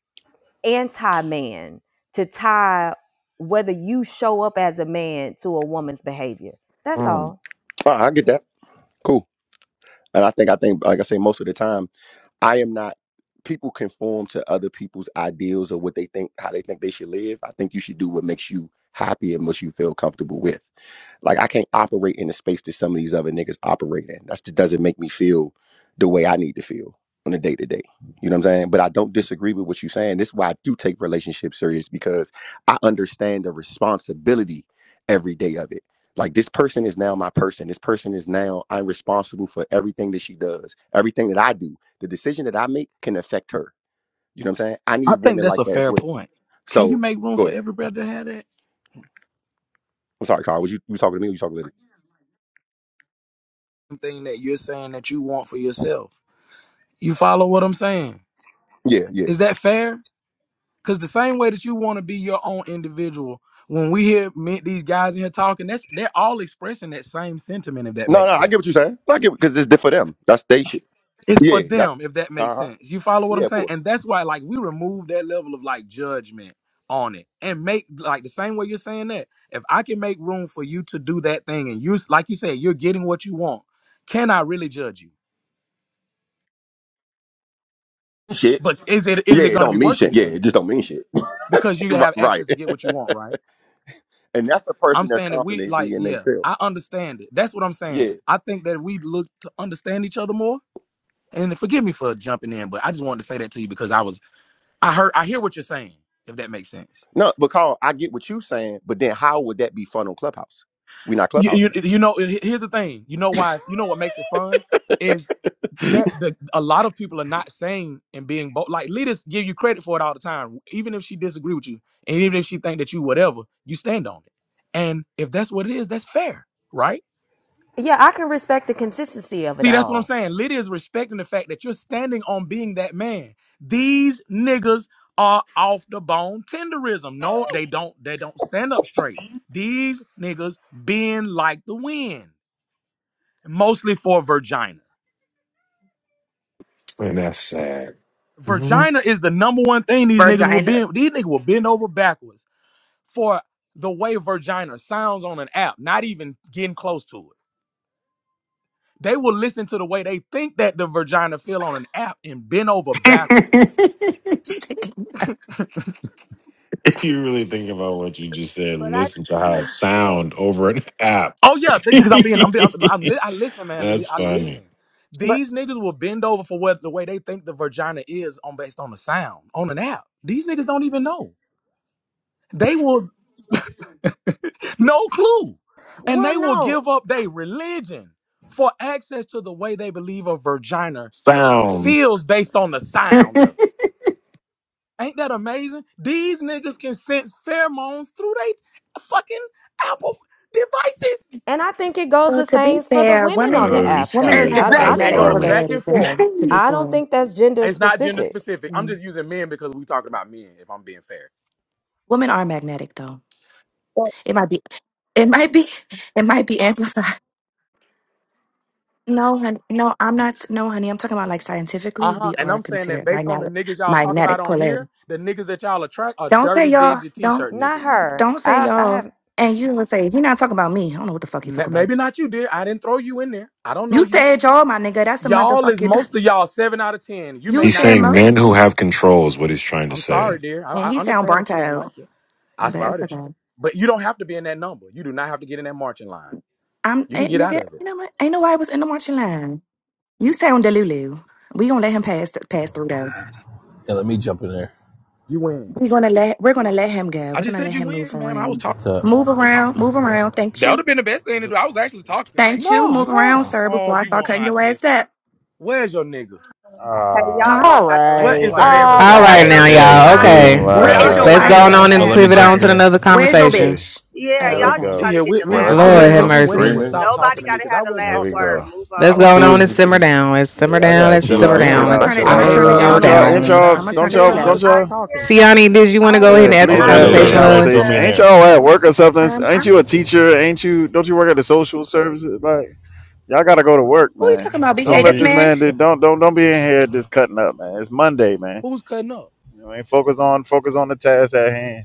Speaker 4: anti man to tie whether you show up as a man to a woman's behavior. That's
Speaker 9: Mm.
Speaker 4: all.
Speaker 10: I get that. Cool. And I think I think like I say most of the time, I am not people conform to other people's ideals or what they think how they think they should live. I think you should do what makes you happy and what you feel comfortable with. Like I can't operate in the space that some of these other niggas operate in. That just doesn't make me feel the way I need to feel on a day to day. You know what I'm saying? But I don't disagree with what you're saying. This is why I do take relationships serious because I understand the responsibility every day of it. Like this person is now my person. This person is now I'm responsible for everything that she does, everything that I do. The decision that I make can affect her. You know what I'm saying? I
Speaker 12: I
Speaker 10: need
Speaker 12: think
Speaker 10: women
Speaker 12: that's
Speaker 10: like
Speaker 12: a
Speaker 10: that as
Speaker 12: fair
Speaker 10: well.
Speaker 12: point. Can you
Speaker 10: So
Speaker 12: make room
Speaker 10: go
Speaker 12: for
Speaker 10: ahead.
Speaker 12: everybody to have that
Speaker 10: I'm sorry, Carl. Was you, you talking to me or you talking to Lydia?
Speaker 12: thing that you're saying that you want for yourself? You follow what I'm saying?
Speaker 10: Yeah, yeah.
Speaker 12: Is that fair? Because the same way that you want to be your own individual, when we hear me, these guys in here talking, that's they're all expressing that same sentiment. If that
Speaker 10: No, no,
Speaker 12: makes
Speaker 10: I get
Speaker 12: sense,
Speaker 10: what you're saying. No, I get because it's different for them. That's they shit.
Speaker 12: it's for
Speaker 10: Yeah, yeah.
Speaker 12: them if that
Speaker 10: Uh
Speaker 12: makes
Speaker 10: huh.
Speaker 12: sense you follow what i'm
Speaker 10: Yeah, of
Speaker 12: saying
Speaker 10: course.
Speaker 12: and that's why like we remove that level of like judgment on it and make like the same way you're saying that if i can make room for you to do that thing and you like you said you're getting what you want can i really judge you
Speaker 10: Shit.
Speaker 12: but is it is
Speaker 10: Yeah,
Speaker 12: it
Speaker 10: it
Speaker 12: going to be
Speaker 10: don't mean
Speaker 12: worth
Speaker 10: shit. Yeah,
Speaker 12: anything
Speaker 10: it just don't mean shit.
Speaker 12: because
Speaker 10: *laughs*
Speaker 12: you
Speaker 10: right,
Speaker 12: have
Speaker 10: right.
Speaker 12: access to get what you want right
Speaker 10: And that's the
Speaker 12: i'm
Speaker 10: person that's
Speaker 12: saying if we
Speaker 10: confidently
Speaker 12: like
Speaker 10: in
Speaker 12: yeah
Speaker 10: themselves.
Speaker 12: i understand it that's what i'm saying
Speaker 10: Yeah.
Speaker 12: i think that if we look to understand each other more and forgive me for jumping in but i just wanted to say that to you because i was i heard i hear what you're saying if that makes sense
Speaker 10: No, because I get what you're saying, but then how would that be fun on Clubhouse? We're not Clubhouse.
Speaker 12: you, you you know he- here's the thing you know why you know what makes it fun is
Speaker 10: *laughs*
Speaker 12: that the a lot of people are not saying and being bold like leaders give you credit for it all the time even if she disagree with you and even if she think that you whatever you stand on it and if that's what it is that's fair right
Speaker 4: Yeah, I can respect the consistency of it
Speaker 12: see that's what i'm
Speaker 4: all.
Speaker 12: saying lydia is respecting the fact that you're standing on being that man these niggas are off the bone tenderism no they don't they don't stand up straight these niggas bend like the wind mostly for Virginia.
Speaker 9: And that's sad. *laughs* if
Speaker 12: Virginia is the number one thing these niggas will
Speaker 13: Virginia.
Speaker 12: bend. These niggas will bend over backwards for the way Virginia sounds on an app, not even getting close to it. They will listen to the way they think that the Virginia feel on an app and bend over backwards.
Speaker 9: you really think about what you just said,
Speaker 14: But I
Speaker 9: listen to how it
Speaker 14: think,
Speaker 9: sound over an app.
Speaker 12: Oh yeah, *laughs* because
Speaker 9: *laughs*
Speaker 12: I'm being, I'm, being, I'm, I'm li- I listen, man. To be,
Speaker 9: that's
Speaker 12: I
Speaker 9: funny.
Speaker 12: listen.
Speaker 14: but,
Speaker 12: These niggas will bend over for what the way they think the Virginia is on based on the sound on an app. These niggas don't even know. They will. No clue. And
Speaker 4: Well,
Speaker 12: they will
Speaker 4: no.
Speaker 12: give up their religion for access to the way they believe a vagina
Speaker 9: Sounds. *laughs*
Speaker 12: feels based on the sound of it. Ain't that amazing? These niggas can sense pheromones through they fucking Apple devices.
Speaker 4: And I think it goes
Speaker 13: Well,
Speaker 4: the
Speaker 13: to be
Speaker 4: same for the
Speaker 13: fair,
Speaker 4: women
Speaker 13: women
Speaker 4: on the
Speaker 13: do
Speaker 9: Oh
Speaker 4: app
Speaker 13: women do
Speaker 12: And
Speaker 4: though.
Speaker 9: shit.
Speaker 4: I
Speaker 13: have a
Speaker 4: don't I
Speaker 12: exactly,
Speaker 9: That's
Speaker 12: it
Speaker 4: think
Speaker 13: magnetic
Speaker 12: goes
Speaker 4: it's
Speaker 9: funny.
Speaker 12: back
Speaker 13: polarity
Speaker 12: and
Speaker 9: *laughs*
Speaker 13: to
Speaker 9: He's
Speaker 12: forth.
Speaker 13: them. To be
Speaker 4: I don't
Speaker 13: fair,
Speaker 4: think that's gender
Speaker 12: It's not gender
Speaker 4: specific.
Speaker 12: specific. I'm
Speaker 13: Mm.
Speaker 12: just using men because we talking about men, if I'm being fair.
Speaker 13: women are magnetic, though.
Speaker 14: but
Speaker 13: It might be, it might be, *laughs* it might be amplified. No, honey, no, I'm not. No, honey, I'm talking about like scientifically,
Speaker 12: Uh-huh.
Speaker 13: we
Speaker 12: And
Speaker 13: are
Speaker 12: I'm saying that
Speaker 13: considered
Speaker 12: based on the
Speaker 13: magnetic
Speaker 12: niggas y'all talk about
Speaker 13: magnetic
Speaker 12: on
Speaker 13: polarity.
Speaker 12: here, the niggas that y'all attract are
Speaker 13: Don't say
Speaker 12: dirty,
Speaker 13: y'all.
Speaker 12: dingy
Speaker 13: Don't
Speaker 12: t-shirt
Speaker 4: Not
Speaker 12: niggas.
Speaker 4: her.
Speaker 13: don't say
Speaker 4: I I
Speaker 13: y'all.
Speaker 4: have
Speaker 13: And you would say you're not talking about me. I don't know what the fuck you talk
Speaker 12: N-
Speaker 13: about.
Speaker 12: Maybe not you, dear. I didn't throw you in there. I don't know
Speaker 13: You
Speaker 12: you.
Speaker 13: said y'all, my nigga. That's a
Speaker 12: Y'all is
Speaker 13: motherfucking.
Speaker 12: most
Speaker 13: *laughs*
Speaker 12: of y'all seven out of ten. You
Speaker 13: You
Speaker 12: may not
Speaker 13: said
Speaker 12: be
Speaker 9: saying
Speaker 13: most,
Speaker 9: men
Speaker 12: that.
Speaker 9: who have control is what he's trying to
Speaker 12: I'm
Speaker 9: say.
Speaker 12: sorry, dear. I,
Speaker 13: and
Speaker 12: I
Speaker 13: he sound
Speaker 12: understand that
Speaker 13: burnt
Speaker 12: you don't
Speaker 13: out.
Speaker 12: like it. I
Speaker 13: But it's
Speaker 12: sorry that you,
Speaker 13: okay.
Speaker 12: but you don't have to be in that number. You do not have to get in that marching line.
Speaker 13: I'm
Speaker 12: You can
Speaker 13: ain't
Speaker 12: get out
Speaker 13: nigga.
Speaker 12: of it.
Speaker 13: You know what? Ain't nobody was in the marching line. You sound delulu. We gonna let him pass pass through though.
Speaker 15: I'm
Speaker 7: let me jump in there.
Speaker 12: You win.
Speaker 13: We gonna let we're gonna let him go.
Speaker 12: I
Speaker 13: We're
Speaker 12: just
Speaker 13: gonna
Speaker 12: said
Speaker 13: let
Speaker 12: you
Speaker 13: him
Speaker 12: win,
Speaker 13: move
Speaker 12: ma'am. I was
Speaker 13: around.
Speaker 12: talking.
Speaker 7: What's up?
Speaker 5: G-
Speaker 13: Move around. Move around. Thank
Speaker 12: That would
Speaker 13: you.
Speaker 12: have been the best thing to
Speaker 5: g-
Speaker 12: do. I was actually talking like,
Speaker 13: Thank you.
Speaker 11: No,
Speaker 13: Move around,
Speaker 11: no.
Speaker 13: sir.
Speaker 12: oh,
Speaker 13: Before I
Speaker 12: you
Speaker 13: start
Speaker 12: want
Speaker 13: cutting
Speaker 12: my
Speaker 13: your ass
Speaker 12: attention?
Speaker 13: up,
Speaker 12: Where's your nigga?
Speaker 14: okay, y'all
Speaker 13: huh?
Speaker 14: both
Speaker 16: All
Speaker 17: Ah,
Speaker 14: got the
Speaker 17: come
Speaker 12: What
Speaker 14: last
Speaker 12: is
Speaker 16: right.
Speaker 12: the
Speaker 17: on,
Speaker 14: word.
Speaker 12: man
Speaker 16: All
Speaker 14: Can
Speaker 17: yo.
Speaker 2: All
Speaker 12: responsible
Speaker 14: somebody
Speaker 2: right
Speaker 17: y'all
Speaker 12: for
Speaker 2: now,
Speaker 14: else
Speaker 12: you?
Speaker 14: make
Speaker 17: niggas
Speaker 14: a
Speaker 16: right.
Speaker 7: Hey,
Speaker 2: y'all.
Speaker 17: is too
Speaker 14: comment?
Speaker 2: Okay.
Speaker 14: Cause
Speaker 12: Where
Speaker 7: um,
Speaker 13: Where is
Speaker 14: y'all
Speaker 12: is
Speaker 13: your
Speaker 14: just
Speaker 12: the
Speaker 11: *laughs*
Speaker 2: Let's go
Speaker 13: wife,
Speaker 14: trying to
Speaker 17: much.
Speaker 12: man
Speaker 14: get
Speaker 11: Lord
Speaker 14: the
Speaker 11: have
Speaker 2: on
Speaker 13: sir?
Speaker 7: oh,
Speaker 2: and
Speaker 7: let
Speaker 14: last
Speaker 12: responsible
Speaker 7: me
Speaker 12: for
Speaker 11: mercy.
Speaker 2: pivot
Speaker 12: you?
Speaker 7: jump
Speaker 2: on
Speaker 7: in
Speaker 2: to
Speaker 14: word.
Speaker 7: there.
Speaker 2: another
Speaker 13: Where's
Speaker 17: You
Speaker 13: your
Speaker 2: conversation.
Speaker 17: see,
Speaker 13: bitch?
Speaker 14: Yeah,
Speaker 13: Oh,
Speaker 17: here we
Speaker 14: y'all
Speaker 13: okay.
Speaker 14: just
Speaker 13: All
Speaker 12: She
Speaker 17: go,
Speaker 14: trying to
Speaker 12: here
Speaker 14: get
Speaker 12: with
Speaker 14: the
Speaker 1: When
Speaker 12: me.
Speaker 1: I
Speaker 14: last
Speaker 12: I
Speaker 1: tell
Speaker 2: Lord
Speaker 12: wish
Speaker 1: you
Speaker 2: have
Speaker 14: word.
Speaker 12: that
Speaker 1: I'm
Speaker 12: you women
Speaker 2: mercy.
Speaker 12: would
Speaker 1: screaming,
Speaker 12: stop
Speaker 14: Nobody
Speaker 12: talking to
Speaker 14: got
Speaker 12: me
Speaker 14: to
Speaker 12: because I
Speaker 14: have the
Speaker 12: wasn't
Speaker 17: here
Speaker 14: last
Speaker 17: we
Speaker 12: talking to
Speaker 14: word.
Speaker 12: her.
Speaker 17: go.
Speaker 14: Move
Speaker 12: I
Speaker 2: Let's
Speaker 14: on,
Speaker 12: wasn't
Speaker 2: go
Speaker 1: he
Speaker 2: on
Speaker 12: talking.
Speaker 2: and
Speaker 1: was
Speaker 2: simmer
Speaker 1: he,
Speaker 14: Jesus.
Speaker 2: down. Let's
Speaker 17: Yeah,
Speaker 2: simmer
Speaker 17: y'all
Speaker 2: down.
Speaker 17: gotta
Speaker 2: Let's
Speaker 1: he
Speaker 17: chill
Speaker 1: was
Speaker 2: simmer
Speaker 17: out,
Speaker 1: being
Speaker 13: right.
Speaker 17: chill
Speaker 13: I'm
Speaker 2: down.
Speaker 13: gonna
Speaker 2: Let's
Speaker 17: out,
Speaker 13: turn it.
Speaker 17: chill
Speaker 13: I'm
Speaker 12: I
Speaker 1: respectful.
Speaker 17: out,
Speaker 13: gonna
Speaker 12: hate
Speaker 17: chill
Speaker 13: turn
Speaker 12: when
Speaker 13: it
Speaker 17: out.
Speaker 12: y'all
Speaker 2: simmer
Speaker 13: down
Speaker 17: Ain't
Speaker 13: on
Speaker 12: do
Speaker 17: y'all,
Speaker 12: this
Speaker 17: ain't
Speaker 13: low.
Speaker 12: simmer
Speaker 2: down.
Speaker 17: y'all,
Speaker 12: down
Speaker 13: I'm gonna
Speaker 12: shit.
Speaker 17: don't
Speaker 13: turn it to
Speaker 14: So
Speaker 17: y'all,
Speaker 12: Tell her to
Speaker 17: don't
Speaker 13: low.
Speaker 14: I
Speaker 12: stop
Speaker 17: y'all?
Speaker 12: talking.
Speaker 14: did,
Speaker 2: Siani, did you want to
Speaker 12: I
Speaker 2: go
Speaker 12: was
Speaker 2: ahead
Speaker 17: Yeah,
Speaker 2: and add
Speaker 12: actually
Speaker 7: Oh,
Speaker 2: to the
Speaker 17: please
Speaker 7: let
Speaker 14: I
Speaker 7: me
Speaker 17: add
Speaker 7: go,
Speaker 17: to the
Speaker 9: Yeah,
Speaker 7: lady.
Speaker 2: conversation,
Speaker 14: did
Speaker 7: Right,
Speaker 2: love?
Speaker 7: throw
Speaker 14: wanna,
Speaker 17: conversation.
Speaker 7: me in
Speaker 17: Ain't
Speaker 7: there.
Speaker 17: y'all at work or something?
Speaker 13: Um,
Speaker 17: Ain't
Speaker 13: I'm.
Speaker 17: you a teacher? Ain't you? Don't you work at the social services? Like, y'all gotta go to work,
Speaker 13: Who you
Speaker 17: man.
Speaker 13: talking about,
Speaker 7: *laughs*
Speaker 17: Don't
Speaker 13: BK?
Speaker 17: let
Speaker 13: This
Speaker 17: this
Speaker 7: Big.
Speaker 13: man?
Speaker 17: man do. Don't don't don't be in here just cutting up, man. It's Monday, man.
Speaker 12: who's cutting up.
Speaker 17: You know, ain't focus on focus on the task at hand.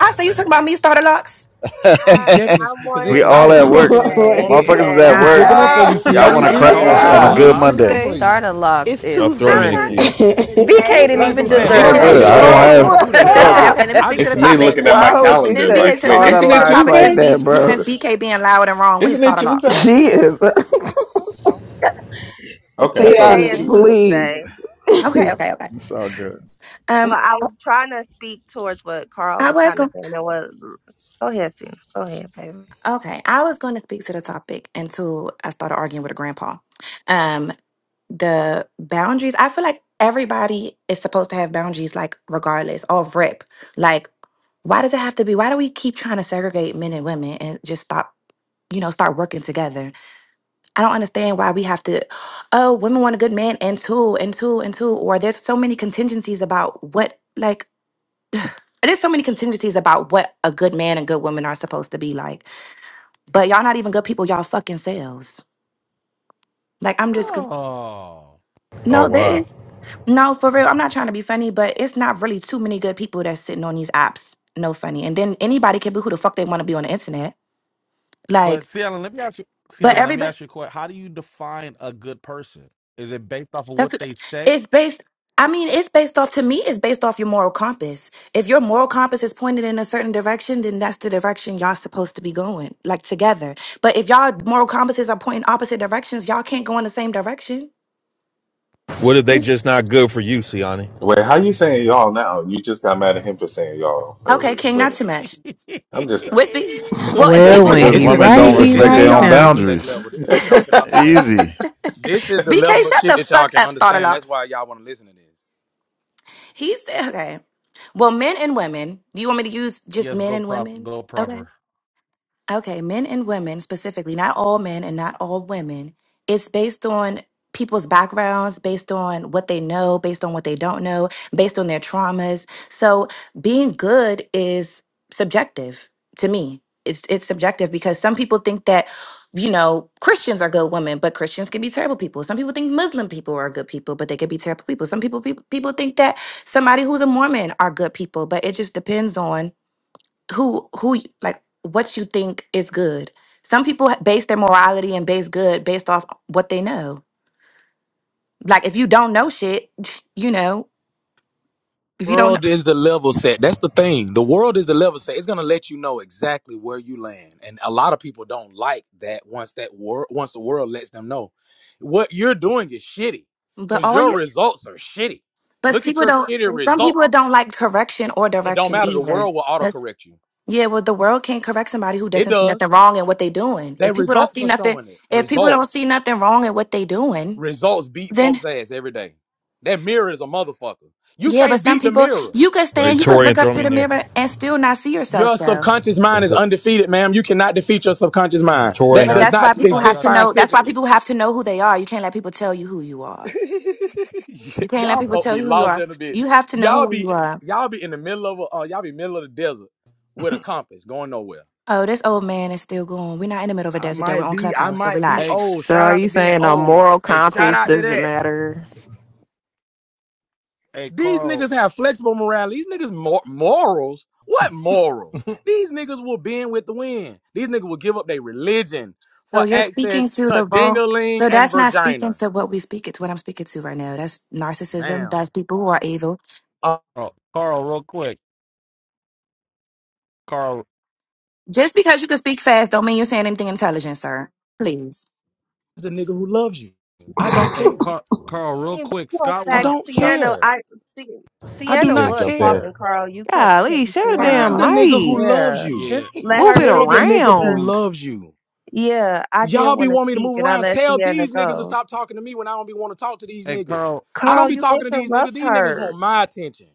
Speaker 13: I say you talking about me, Starter Locks.
Speaker 14: I,
Speaker 12: He's definitely
Speaker 14: I
Speaker 12: because
Speaker 17: *laughs* we
Speaker 14: wanted
Speaker 12: because I
Speaker 17: all
Speaker 18: *laughs*
Speaker 12: was
Speaker 14: to
Speaker 17: at work.
Speaker 12: speaking when the
Speaker 14: say,
Speaker 12: woman
Speaker 18: Wait.
Speaker 17: Motherfuckers is
Speaker 12: jumped
Speaker 14: can
Speaker 11: He
Speaker 17: at
Speaker 12: off
Speaker 11: was
Speaker 14: I
Speaker 17: work.
Speaker 12: mic.
Speaker 11: sticking
Speaker 13: Okay.
Speaker 11: up for you,
Speaker 14: say
Speaker 18: Ah.
Speaker 11: see,
Speaker 17: Y'all
Speaker 5: not
Speaker 11: Annie.
Speaker 17: want
Speaker 16: So
Speaker 17: to
Speaker 16: y'all
Speaker 11: See,
Speaker 16: not
Speaker 11: you
Speaker 16: gonna
Speaker 17: crash
Speaker 14: something?
Speaker 5: starter
Speaker 17: on
Speaker 16: tell
Speaker 17: a
Speaker 11: tripping.
Speaker 16: him
Speaker 11: He
Speaker 17: good
Speaker 16: it's
Speaker 11: was sticking up
Speaker 17: Monday?
Speaker 11: for
Speaker 5: locks.
Speaker 16: Tuesday?
Speaker 11: you.
Speaker 4: Starter locks
Speaker 16: It's
Speaker 7: Oh,
Speaker 4: is
Speaker 7: throw me
Speaker 13: I'm
Speaker 7: in the
Speaker 16: Tuesday.
Speaker 13: not.
Speaker 18: *laughs*
Speaker 7: queue.
Speaker 4: funny. VK
Speaker 18: that
Speaker 5: Who
Speaker 4: didn't
Speaker 12: Like
Speaker 14: Today
Speaker 12: that's
Speaker 5: got
Speaker 12: what I'm
Speaker 4: even
Speaker 14: is
Speaker 17: No,
Speaker 12: saying,
Speaker 17: It's
Speaker 12: these
Speaker 4: deserve
Speaker 17: all
Speaker 12: people are
Speaker 4: that
Speaker 5: starter
Speaker 18: was
Speaker 17: good.
Speaker 12: here to
Speaker 17: I
Speaker 12: do that.
Speaker 17: don't
Speaker 12: I
Speaker 18: so.
Speaker 4: slug.
Speaker 12: don't
Speaker 14: Tuesday.
Speaker 12: want to
Speaker 17: have.
Speaker 12: do
Speaker 5: locks?
Speaker 12: that
Speaker 17: It's
Speaker 12: at
Speaker 17: all
Speaker 13: Okay,
Speaker 12: all.
Speaker 18: *laughs*
Speaker 17: good.
Speaker 13: okay.
Speaker 4: *laughs*
Speaker 13: Let me
Speaker 12: I
Speaker 13: speak
Speaker 12: just
Speaker 13: to
Speaker 1: It's
Speaker 13: the
Speaker 12: shut up
Speaker 1: me
Speaker 12: and
Speaker 13: topic.
Speaker 12: let
Speaker 1: looking at
Speaker 12: y'all
Speaker 1: my
Speaker 18: Why
Speaker 12: be
Speaker 18: would
Speaker 12: ignorant.
Speaker 18: she
Speaker 13: Since
Speaker 1: calendar
Speaker 18: say
Speaker 13: BK,
Speaker 1: like,
Speaker 13: said-
Speaker 1: wait,
Speaker 13: let me
Speaker 18: starter
Speaker 13: speak
Speaker 1: isn't
Speaker 13: to the
Speaker 1: it
Speaker 18: locks
Speaker 13: topic
Speaker 18: like
Speaker 13: since
Speaker 1: Tuesday?
Speaker 18: that,
Speaker 13: B, since
Speaker 18: bro?
Speaker 13: BK being loud and wrong with his
Speaker 1: Isn't it
Speaker 13: thought of
Speaker 1: Tuesday?
Speaker 13: locks.
Speaker 18: She is. *laughs*
Speaker 1: Okay, I thought it
Speaker 14: Today
Speaker 18: Tiani,
Speaker 1: was
Speaker 14: is
Speaker 13: Okay,
Speaker 1: Tuesday.
Speaker 14: Tuesday.
Speaker 18: please.
Speaker 13: okay, okay.
Speaker 17: It's all good
Speaker 13: Um,
Speaker 14: Well, I was trying to speak towards what Carl
Speaker 13: I
Speaker 14: was
Speaker 13: was
Speaker 14: kind of
Speaker 13: going.
Speaker 14: saying. And what, go ahead, Sienna. Go ahead, baby.
Speaker 13: Okay, I was going to speak to the topic until I started arguing with a grandpa. Um, the boundaries. I feel like everybody is supposed to have boundaries, like regardless of rep. Like, why does it have to be? Why do we keep trying to segregate men and women and just stop? You know, start working together. I don't understand why we have to, oh, women want a good man and two and two and two. Or there's so many contingencies about what, like, there's so many contingencies about what a good man and good woman are supposed to be like. But y'all not even good people, y'all fucking selves. Like, I'm just, con-
Speaker 5: No.
Speaker 7: Oh
Speaker 13: no, there
Speaker 7: wow.
Speaker 13: is. No, for real. I'm not trying to be funny, but it's not really too many good people that's sitting on these apps. No funny. And then anybody can be who the fuck they want to be on the internet.
Speaker 5: But
Speaker 13: Like,
Speaker 5: see, Alan, let me ask you. See,
Speaker 13: but
Speaker 5: Alan, let me
Speaker 13: everybody.
Speaker 5: ask you a question. How do you define a good person? Is it based off of
Speaker 13: That's
Speaker 5: what
Speaker 13: what-
Speaker 5: they say?
Speaker 13: it's based. I mean, it's based off to me. It's based off your moral compass. If your moral compass is pointed in a certain direction, then that's the direction y'all supposed to be going, like together. But if y'all moral compasses are pointing opposite directions, y'all can't go in the same direction.
Speaker 7: What if they just not good for you, Siani?
Speaker 1: Wait, how you saying y'all now? You just got mad at him for saying y'all
Speaker 13: Okay,
Speaker 1: earlier.
Speaker 13: King,
Speaker 1: Wait a
Speaker 13: not too
Speaker 1: minute.
Speaker 13: much.
Speaker 1: I'm
Speaker 5: *laughs*
Speaker 1: just
Speaker 13: With B, well, if
Speaker 2: Well,
Speaker 13: people,
Speaker 2: when
Speaker 13: ju-
Speaker 17: because
Speaker 2: he
Speaker 12: This is the
Speaker 17: women
Speaker 1: saying.
Speaker 2: right,
Speaker 17: don't
Speaker 12: shit
Speaker 1: *laughs*
Speaker 7: They
Speaker 12: that
Speaker 2: he
Speaker 12: this
Speaker 17: respect
Speaker 7: just
Speaker 12: is
Speaker 17: their
Speaker 2: right
Speaker 17: own
Speaker 12: y'all
Speaker 2: now.
Speaker 12: intellect
Speaker 17: boundaries.
Speaker 12: level. This is what y'all can understand.
Speaker 1: Right.
Speaker 17: Easy.
Speaker 12: This is the
Speaker 13: BK,
Speaker 12: level of
Speaker 13: shut
Speaker 12: shit
Speaker 13: the
Speaker 12: that y'all
Speaker 13: fuck
Speaker 12: can
Speaker 13: up, starter
Speaker 12: understand. That's
Speaker 13: locks.
Speaker 12: why y'all want to listen to this.
Speaker 13: He said, okay. Well, men and women. Do you want me to use just
Speaker 5: yes,
Speaker 13: men
Speaker 5: go
Speaker 13: and
Speaker 5: prop,
Speaker 13: women?
Speaker 5: go
Speaker 13: Okay.
Speaker 5: proper.
Speaker 13: Okay, men and women specifically, not all men and not all women. It's based on people's backgrounds, based on what they know, based on what they don't know, based on their traumas. So being good is subjective to me. It's it's subjective because some people think that you know Christians are good women, but Christians can be terrible people. Some people think Muslim people are good people, but they could be terrible people. Some people people, people think that somebody who's a Mormon are good people, but it just depends on who who like what you think is good. Some people ha- base their morality and base good based off what they know. Like if you don't know shit, *laughs* *sniffs* you know, if you don't know,
Speaker 12: world is the level set. That's the thing. The world is the level set. It's gonna let you know exactly where you land, and a lot of people don't like that. Once that world, once the world lets them know, what you're doing is shitty,
Speaker 13: but
Speaker 12: cause
Speaker 13: all
Speaker 12: your
Speaker 13: you
Speaker 12: results are shitty.
Speaker 13: but
Speaker 12: Look at
Speaker 13: people
Speaker 12: your
Speaker 13: don't
Speaker 12: shitty
Speaker 13: some people
Speaker 12: results.
Speaker 13: don't like correction or
Speaker 12: It don't
Speaker 13: direction
Speaker 12: matter. The
Speaker 13: either.
Speaker 12: world will
Speaker 13: That's
Speaker 12: autocorrect you.
Speaker 13: yeah, well the world can't correct somebody who
Speaker 12: It
Speaker 13: doesn't see nothing
Speaker 12: does.
Speaker 13: wrong in what they doing.
Speaker 12: Their
Speaker 13: If people don't
Speaker 12: results
Speaker 13: see
Speaker 12: are
Speaker 13: nothing
Speaker 12: showing it.
Speaker 13: if people don't
Speaker 12: Results,
Speaker 13: see nothing wrong in what they doing,
Speaker 12: results beat
Speaker 13: then
Speaker 12: folks' ass every day. That mirror is a motherfucker. You
Speaker 13: yeah, but
Speaker 12: can't
Speaker 13: some
Speaker 12: beat the
Speaker 13: people
Speaker 12: mirror.
Speaker 13: you could
Speaker 7: wait,
Speaker 13: stand, you could look
Speaker 7: Torian,
Speaker 13: up
Speaker 7: throw
Speaker 13: to
Speaker 7: me in
Speaker 13: the
Speaker 7: there.
Speaker 13: mirror and still not see
Speaker 12: Your
Speaker 13: yourself though.
Speaker 12: subconscious mind
Speaker 7: That's
Speaker 12: is
Speaker 7: it.
Speaker 12: undefeated, ma'am. You cannot defeat your subconscious mind.
Speaker 11: Mm,
Speaker 12: That
Speaker 13: But
Speaker 12: does
Speaker 7: Torian, I
Speaker 13: that's why
Speaker 12: not
Speaker 13: people
Speaker 5: God, I
Speaker 13: have
Speaker 12: exist
Speaker 13: to
Speaker 5: got you.
Speaker 13: know. That's why
Speaker 12: scientifically.
Speaker 13: people have to know who they are. You can't let people tell you who you are.
Speaker 12: *laughs*
Speaker 13: You can't let
Speaker 12: y'all
Speaker 13: people
Speaker 12: folk
Speaker 13: tell
Speaker 12: be
Speaker 13: you who you
Speaker 12: lost
Speaker 13: are.
Speaker 12: in a bit.
Speaker 13: You have to know
Speaker 12: Y'all
Speaker 13: who you
Speaker 12: be
Speaker 13: are.
Speaker 12: y'all be in the middle of a, uh, y'all be middle of the desert with a compass going nowhere.
Speaker 13: Oh, this old man is still going. We're not in the middle of a
Speaker 12: I
Speaker 13: desert, though. We're
Speaker 12: might
Speaker 13: on
Speaker 12: be I
Speaker 13: Clubhouse, so
Speaker 12: might be
Speaker 5: Hey,
Speaker 13: relax.
Speaker 12: old.
Speaker 16: So
Speaker 12: Shout
Speaker 16: are
Speaker 12: out to
Speaker 16: you
Speaker 12: being
Speaker 16: saying a
Speaker 12: old.
Speaker 16: moral
Speaker 5: hey, Carl,
Speaker 12: Shout
Speaker 16: compass
Speaker 12: out to
Speaker 16: doesn't
Speaker 12: that.
Speaker 16: matter?
Speaker 5: hey,
Speaker 12: These
Speaker 5: Carl,
Speaker 12: niggas have flexible morality. These niggas mor- morals. What morals?
Speaker 11: mm,
Speaker 12: These niggas will bend with the wind. These niggas will give up their religion
Speaker 13: So
Speaker 12: for
Speaker 13: you're
Speaker 12: access
Speaker 13: speaking to
Speaker 12: to
Speaker 13: the wrong.
Speaker 12: dingaling
Speaker 13: So
Speaker 12: and
Speaker 13: that's not speaking
Speaker 12: virginia.
Speaker 13: to what we speak. It's what I'm speaking to right now. That's narcissism.
Speaker 12: Man,
Speaker 13: That's people who are evil.
Speaker 12: uh,
Speaker 5: oh, Carl, real quick, Carl,
Speaker 13: Just because you can speak fast, don't mean you're saying anything intelligent, sir. Please,
Speaker 12: the nigga who loves you. I don't
Speaker 18: *laughs*
Speaker 5: hey,
Speaker 12: care.
Speaker 5: Carl, Carl,
Speaker 14: I
Speaker 5: real
Speaker 14: mean, But
Speaker 5: quick.
Speaker 14: you know,
Speaker 5: Scott
Speaker 14: in
Speaker 12: I
Speaker 14: fact,
Speaker 5: wanna
Speaker 12: don't
Speaker 5: Scott,
Speaker 14: Sienna,
Speaker 12: care.
Speaker 14: I Sie-
Speaker 12: I do
Speaker 14: Sienna
Speaker 7: yeah,
Speaker 12: not
Speaker 14: was
Speaker 7: jump in.
Speaker 14: talking,
Speaker 12: care.
Speaker 14: Carl. You kept
Speaker 16: Golly,
Speaker 14: cutting
Speaker 16: share the
Speaker 14: Sienna
Speaker 16: damn
Speaker 12: Find the
Speaker 14: off.
Speaker 12: nigga who
Speaker 16: mic.
Speaker 12: loves
Speaker 14: Yeah,
Speaker 12: you.
Speaker 5: yeah.
Speaker 14: just let
Speaker 16: Move
Speaker 14: her
Speaker 16: it
Speaker 12: Tell the
Speaker 14: finish.
Speaker 12: nigga who
Speaker 14: 'cause,
Speaker 16: around.
Speaker 12: loves you.
Speaker 14: yeah, I did
Speaker 12: Y'all be
Speaker 14: want to
Speaker 12: wanting me to
Speaker 14: speak,
Speaker 12: move
Speaker 14: and I
Speaker 12: around.
Speaker 14: let
Speaker 12: Tell
Speaker 14: Sienna
Speaker 12: these niggas to
Speaker 14: go.
Speaker 12: stop talking to me when I don't be want to talk to these
Speaker 5: Hey,
Speaker 12: niggas.
Speaker 5: Carl,
Speaker 12: I
Speaker 14: Carl,
Speaker 12: don't be
Speaker 14: you
Speaker 12: talking to these niggas.
Speaker 14: interrupt
Speaker 12: These niggas
Speaker 14: her.
Speaker 12: want my attention.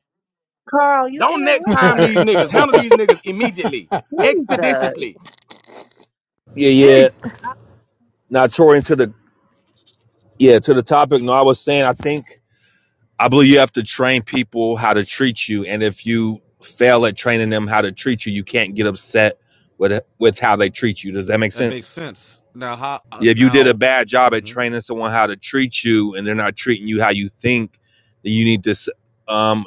Speaker 14: Carl, you
Speaker 12: Don't next
Speaker 14: interrupt
Speaker 12: time
Speaker 14: her.
Speaker 12: these niggas. Handle
Speaker 11: mm. *laughs*
Speaker 12: these niggas immediately,
Speaker 14: Jesus.
Speaker 12: expeditiously.
Speaker 7: Yeah, yeah.
Speaker 12: Jeez.
Speaker 14: I,
Speaker 7: Now Torian to the yeah to the topic. No, I was saying I think. I believe you have to train people how to treat you, and if you fail at training them how to treat you, you can't get upset with with how they treat you. Does that make
Speaker 5: that makes
Speaker 7: sense?
Speaker 5: sense. Now, how? Uh,
Speaker 7: If you did a
Speaker 5: now,
Speaker 7: bad job at
Speaker 5: Mhm.
Speaker 7: training someone how to treat you, and they're not treating you how you think, then you need to um,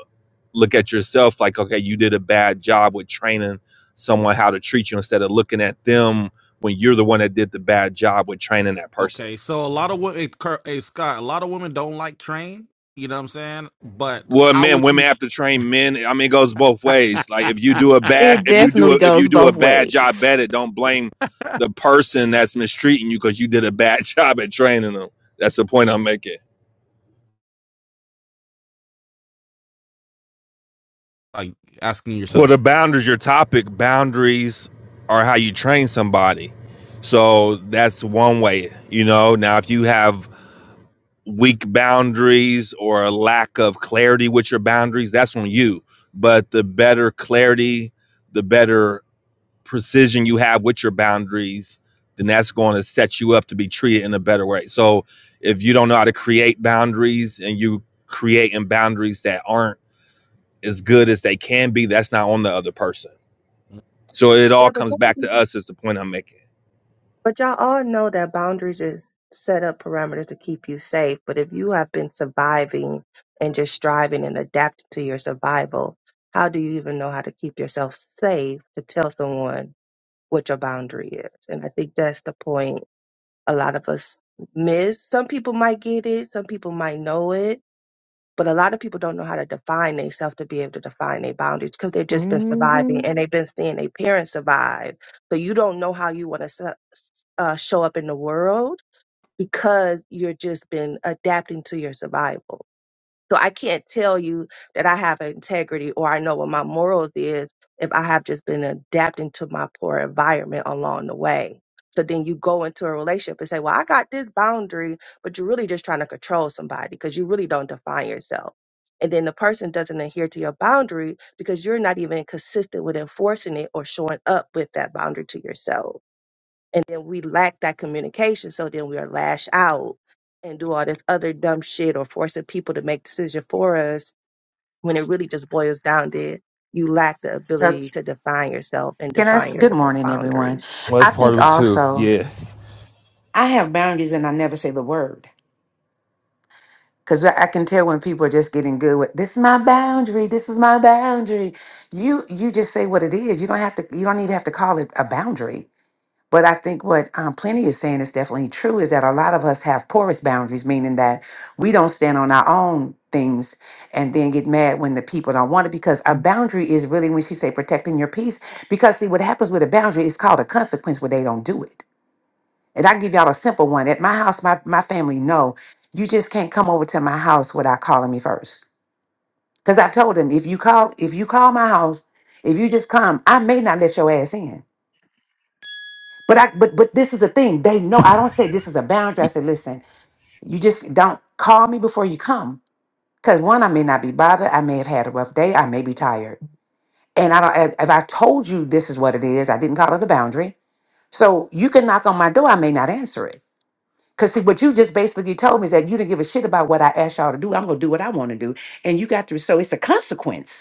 Speaker 7: look at yourself like, okay, you did a bad job with training someone how to treat you instead of looking at them when you're the one that did the bad job with training that person.
Speaker 5: okay. So a lot of women, hey, Carl, hey, Scott, a lot of women don't like train. You know what I'm saying? But
Speaker 7: Well,
Speaker 5: how
Speaker 7: men,
Speaker 5: would
Speaker 7: women
Speaker 5: you
Speaker 7: have to train men. I mean, it goes both ways. Like if you do a bad,
Speaker 16: It
Speaker 7: if you do
Speaker 16: definitely
Speaker 7: a, if you
Speaker 16: goes
Speaker 7: do a
Speaker 16: both
Speaker 7: bad job
Speaker 16: ways.
Speaker 7: at it, don't blame the person that's mistreating you because you did a bad *laughs* job at training them. That's the point I'm making.
Speaker 5: like asking
Speaker 7: Well, the
Speaker 5: yourself?
Speaker 7: boundaries, your topic, boundaries are how you train somebody. So that's one way, you know. Now, if you have weak boundaries or a lack of clarity with your boundaries, that's on you. But the better clarity, the better precision you have with your boundaries, then that's going to set you up to be treated in a better way. So if you don't know how to create boundaries and you creating boundaries that aren't as good as they can be, that's not on the other person. So it
Speaker 14: yeah,
Speaker 7: all
Speaker 14: but
Speaker 7: comes back
Speaker 14: that's
Speaker 7: to us is the point I'm making.
Speaker 14: But y'all all know that boundaries is set up parameters to keep you safe. But if you have been surviving and just striving and adapting to your survival, how do you even know how to keep yourself safe to tell someone what your boundary is? And I think that's the point a lot of us miss. Some people might get it, some people might know it, but a lot of people don't know how to define themselves to be able to define their boundaries because they've just been surviving and
Speaker 16: hmm
Speaker 14: they've been seeing their parents survive. So you don't know how you want to uh, show up in the world because you're just been adapting to your survival. So I can't tell you that I have integrity or I know what my morals is if I have just been adapting to my poor environment along the way. So then you go into a relationship and say, Well, I got this boundary, but you're really just trying to control somebody because you really don't define yourself. And then the person doesn't adhere to your boundary because you're not even consistent with enforcing it or showing up with that boundary to yourself and then we lack that communication so then we are lash out and do all this other dumb shit or forcing people to make decisions for us when it really just boils down to you lack the
Speaker 19: So
Speaker 14: ability to define yourself and
Speaker 19: can I? s-
Speaker 14: define your
Speaker 19: Good
Speaker 14: b-
Speaker 19: morning, everyone.
Speaker 14: boundaries
Speaker 7: Well,
Speaker 19: I
Speaker 7: that's part
Speaker 19: think
Speaker 7: of it too.
Speaker 19: also
Speaker 7: Yeah.
Speaker 19: I have boundaries, and I never say the word because I I can tell when people are just getting good with this is my boundary. This is my boundary. You you just say what it is. You don't have to. You don't even have to call it a boundary. But I think what um, Plenty is saying is definitely true is that a lot of us have porous boundaries, meaning that we don't stand on our own things and then get mad when the people don't want it because a boundary is really when she say protecting your peace because see what happens with a boundary it's called a consequence when they don't do it and i can give y'all a simple one at my house my, my family know you just can't come over to my house without calling me first because i told them if you call if you call my house if you just come i may not let your ass in but I but but this is a thing. They know I don't say this is a boundary. I say, listen, you just don't call me before you come. Cause one, I may not be bothered. I may have had a rough day. I may be tired. And I don't if if I told you this is what it is, I didn't call it a boundary. So you can knock on my door, I may not answer it. Cause see what you just basically told me is that you didn't give a shit about what I asked y'all to do. I'm gonna do what I want to do. And you got to so it's a consequence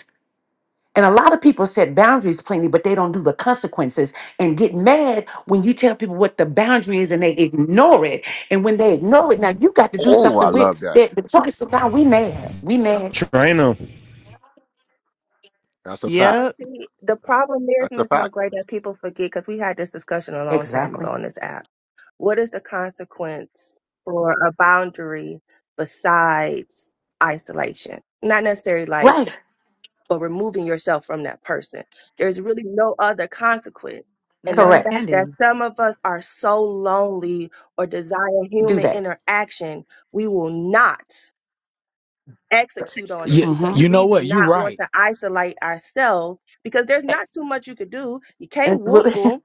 Speaker 19: and a lot of people set boundaries plainly, but they don't do the consequences and get mad when you tell people what the boundary is and they ignore it. And when they ignore it, now you got to do
Speaker 10: Oh, I
Speaker 19: something
Speaker 10: love
Speaker 19: with
Speaker 10: that.
Speaker 19: that. The choice is now we mad. We mad.
Speaker 7: Train him.
Speaker 10: That's a fact.
Speaker 14: but
Speaker 16: Yep.
Speaker 14: see, the problem is
Speaker 10: That's a
Speaker 14: miss no
Speaker 10: fact.
Speaker 14: great that people forget because we had this discussion a long time ago
Speaker 19: Exactly.
Speaker 14: on this app what is the consequence for a boundary besides isolation not necessarily like
Speaker 19: Right.
Speaker 14: but removing yourself from that person. There's really no other consequence. And
Speaker 13: that's
Speaker 14: the
Speaker 13: all you can
Speaker 14: fact
Speaker 19: Correct.
Speaker 14: that
Speaker 13: do
Speaker 14: some of us are so lonely or desire
Speaker 19: Do
Speaker 14: human
Speaker 19: that.
Speaker 14: interaction, we will not execute on it
Speaker 12: Yeah,
Speaker 14: because
Speaker 19: Mm-hmm.
Speaker 12: you
Speaker 14: we
Speaker 12: know
Speaker 14: do
Speaker 12: what? You're
Speaker 14: not want
Speaker 12: right.
Speaker 14: to isolate ourselves because there's not too much you could do. You
Speaker 19: And
Speaker 14: can't
Speaker 19: we'll,
Speaker 14: whoop
Speaker 19: *laughs*
Speaker 14: them.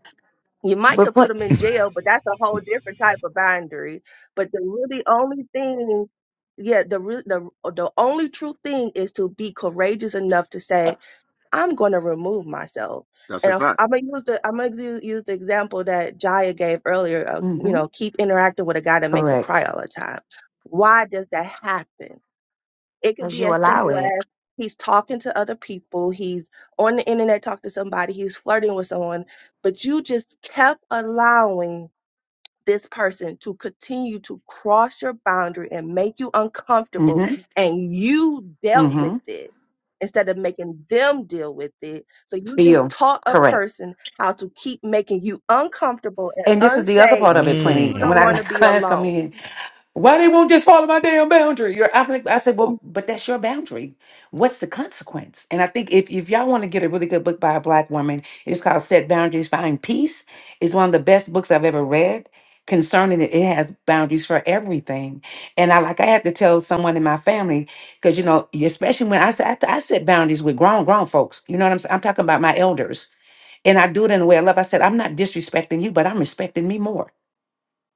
Speaker 14: You might
Speaker 19: but
Speaker 14: could put
Speaker 19: what?
Speaker 14: them in jail, but that's a whole different type of boundary. But the really only thing yeah the re- the the only true thing is to be courageous enough to say I'm going to remove myself.
Speaker 10: That's
Speaker 14: And
Speaker 10: a
Speaker 14: if,
Speaker 10: fact.
Speaker 14: I'm gonna use the I'm gonna do, use the example that Jaya gave earlier. Of, you
Speaker 19: Mm-hmm.
Speaker 14: know, keep interacting with a guy that make you cry
Speaker 19: Correct.
Speaker 14: all the time. Why does that happen? It could
Speaker 13: because
Speaker 14: be
Speaker 13: you
Speaker 14: as
Speaker 13: allow
Speaker 14: simple
Speaker 13: it.
Speaker 14: as he's talking to other people, he's on the internet talking to somebody, he's flirting with someone, but you just kept allowing this person to continue to cross your boundary and make you uncomfortable
Speaker 19: Mm-hmm.
Speaker 14: and you dealt with
Speaker 19: Mm-hmm.
Speaker 14: it instead of making them deal with it. So you just
Speaker 19: Feel.
Speaker 14: taught a
Speaker 19: Correct.
Speaker 14: person how to keep making you uncomfortable and
Speaker 19: And this is the other
Speaker 14: unsafe
Speaker 19: part of it,
Speaker 14: because
Speaker 19: plenty.
Speaker 14: you
Speaker 19: And when
Speaker 14: don't
Speaker 19: I
Speaker 14: want to
Speaker 5: Mm.
Speaker 19: *laughs*
Speaker 14: be
Speaker 19: clients come
Speaker 14: alone.
Speaker 19: in Why they won't just follow my damn boundary? You're, I'm like, I said, well, but that's your boundary. What's the consequence? And I think if, if y'all want to get a really good book by a black woman, it's called Set Boundaries, Find Peace. It's one of the best books I've ever read concerning it. It has boundaries for everything. And I like, I had to tell someone in my family, because, you know, especially when I, said I, I set boundaries with grown, grown folks. You know what I'm saying? I'm talking about my elders. And I do it in a way I love. I said, I'm not disrespecting you, but I'm respecting me more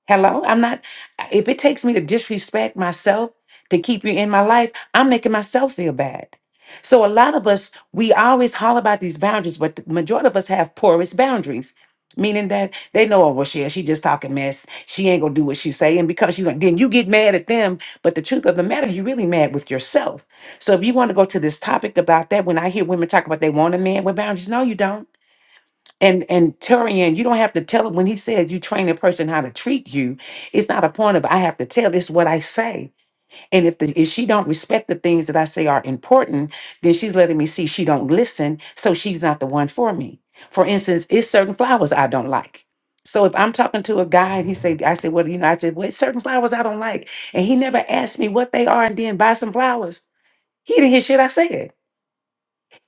Speaker 19: Hello, I'm not. If it takes me to disrespect myself to keep you in my life, I'm making myself feel bad. So a lot of us, we always holler about these boundaries, but the majority of us have porous boundaries, meaning that they know, oh well, she she just talking mess. She ain't gonna do what she say, and because you then you get mad at them. But the truth of the matter, you're really mad with yourself. So if you want to go to this topic about that, when I hear women talk about they want a man with boundaries, no, you don't. And and Turian, you don't have to tell him when he said you train a person how to treat you. It's not a point of I have to tell. It's what I say. And if the if she don't respect the things that I say are important, then she's letting me see she don't listen. So she's not the one for me. For instance, it's certain flowers I don't like. So if I'm talking to a guy and he say, I said, well, you know, I said, well, it's certain flowers I don't like, and he never asked me what they are and then buy some flowers. He didn't hear shit I said.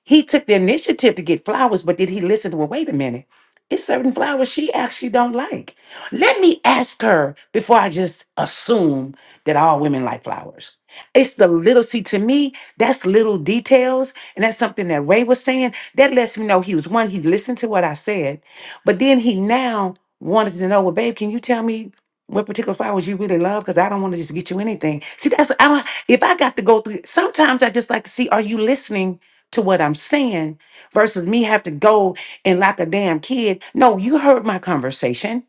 Speaker 19: He took the initiative to get flowers, but did he listen to her? Wait a minute. It's certain flowers she actually don't like. Let me ask her before I just assume that all women like flowers. It's the little, see, to me, that's little details. And that's something that Ray was saying. That lets me know he was one, he listened to what I said, but then he now wanted to know, well, babe, can you tell me what particular flowers you really love? Because I don't want to just get you anything. See, that's, I don't, if I got to go through, sometimes I just like to see, are you listening to what I'm saying versus me have to go and like a damn kid. No, you heard my conversation.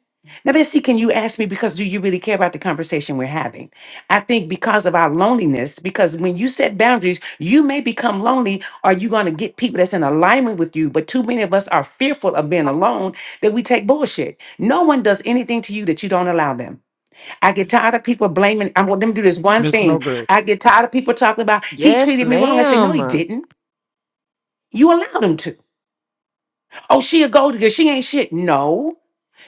Speaker 19: Now let see, can you ask me because do you really care about the conversation we're having? I think because of our loneliness, because when you set boundaries, you may become lonely. Are you going to get people that's in alignment with you? But too many of us are fearful of being alone that we take bullshit. No one does anything to you that you don't allow them. I get tired of people blaming. I want them to do this one
Speaker 5: Miss
Speaker 19: thing.
Speaker 5: Nogre,
Speaker 19: I get tired of people talking about he
Speaker 16: Yes,
Speaker 19: treated me wrong. I say, no, he
Speaker 16: ma'am.
Speaker 19: didn't. You allowed him to. Oh, she a gold digger. She ain't shit. No,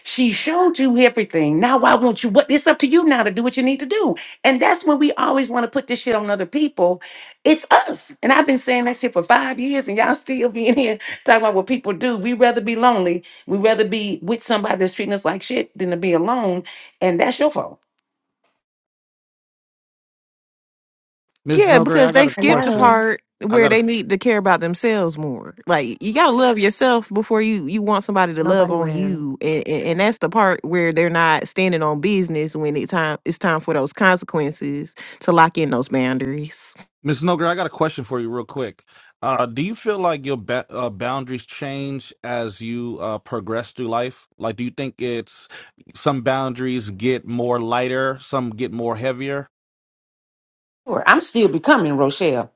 Speaker 19: she showed you everything. Now I want you. What it's up to you now to do what you need to do. And that's when we always want to put this shit on other people. It's us. And I've been saying that shit for five years, and y'all still being here talking about what people do. We rather be lonely. We rather be with somebody that's treating us like shit than to be alone. And that's your fault.
Speaker 5: Miss
Speaker 16: Yeah,
Speaker 5: Nogre,
Speaker 16: because
Speaker 5: I
Speaker 16: they
Speaker 5: got a
Speaker 16: skipped the
Speaker 5: question.
Speaker 13: Hello.
Speaker 16: part
Speaker 5: I
Speaker 16: where
Speaker 5: got a
Speaker 16: they need to care about themselves more. Like you gotta love yourself before you you want somebody to love
Speaker 13: Nobody
Speaker 16: on
Speaker 13: will.
Speaker 16: you, and and, and that's the part where they're not standing on business when it time it's time for those consequences to lock in those boundaries.
Speaker 5: Ms. Noger, I got a question for you real quick. Uh, do you feel like your ba- uh, boundaries change as you uh, progress through life? Like, do you think it's some boundaries get more lighter, some get more heavier?
Speaker 19: Sure, I'm still becoming Rochelle.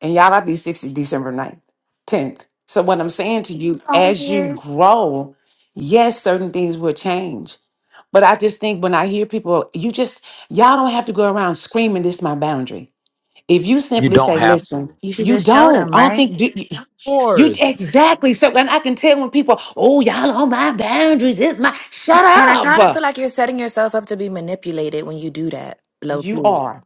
Speaker 19: And y'all, I be 60 December ninth, 10th. So, what I'm saying to you, as you grow, yes, certain things will change. But I just think when I hear people, you just, y'all don't have to go around screaming, this is my boundary. If you
Speaker 12: You
Speaker 19: simply
Speaker 12: don't
Speaker 19: say,
Speaker 13: Right.
Speaker 12: have
Speaker 19: listen,
Speaker 12: to.
Speaker 13: You should
Speaker 19: you
Speaker 13: just show
Speaker 19: don't.
Speaker 13: them,
Speaker 19: I don't
Speaker 13: right?
Speaker 19: think you, you
Speaker 12: Of
Speaker 19: you-
Speaker 12: course.
Speaker 19: exactly. So, and I can tell when people, oh, y'all on my boundaries, it's my, shut
Speaker 13: And I kind of feel
Speaker 19: up.
Speaker 13: like you're setting yourself up to be manipulated when you do that, low
Speaker 19: You
Speaker 13: key.
Speaker 19: are.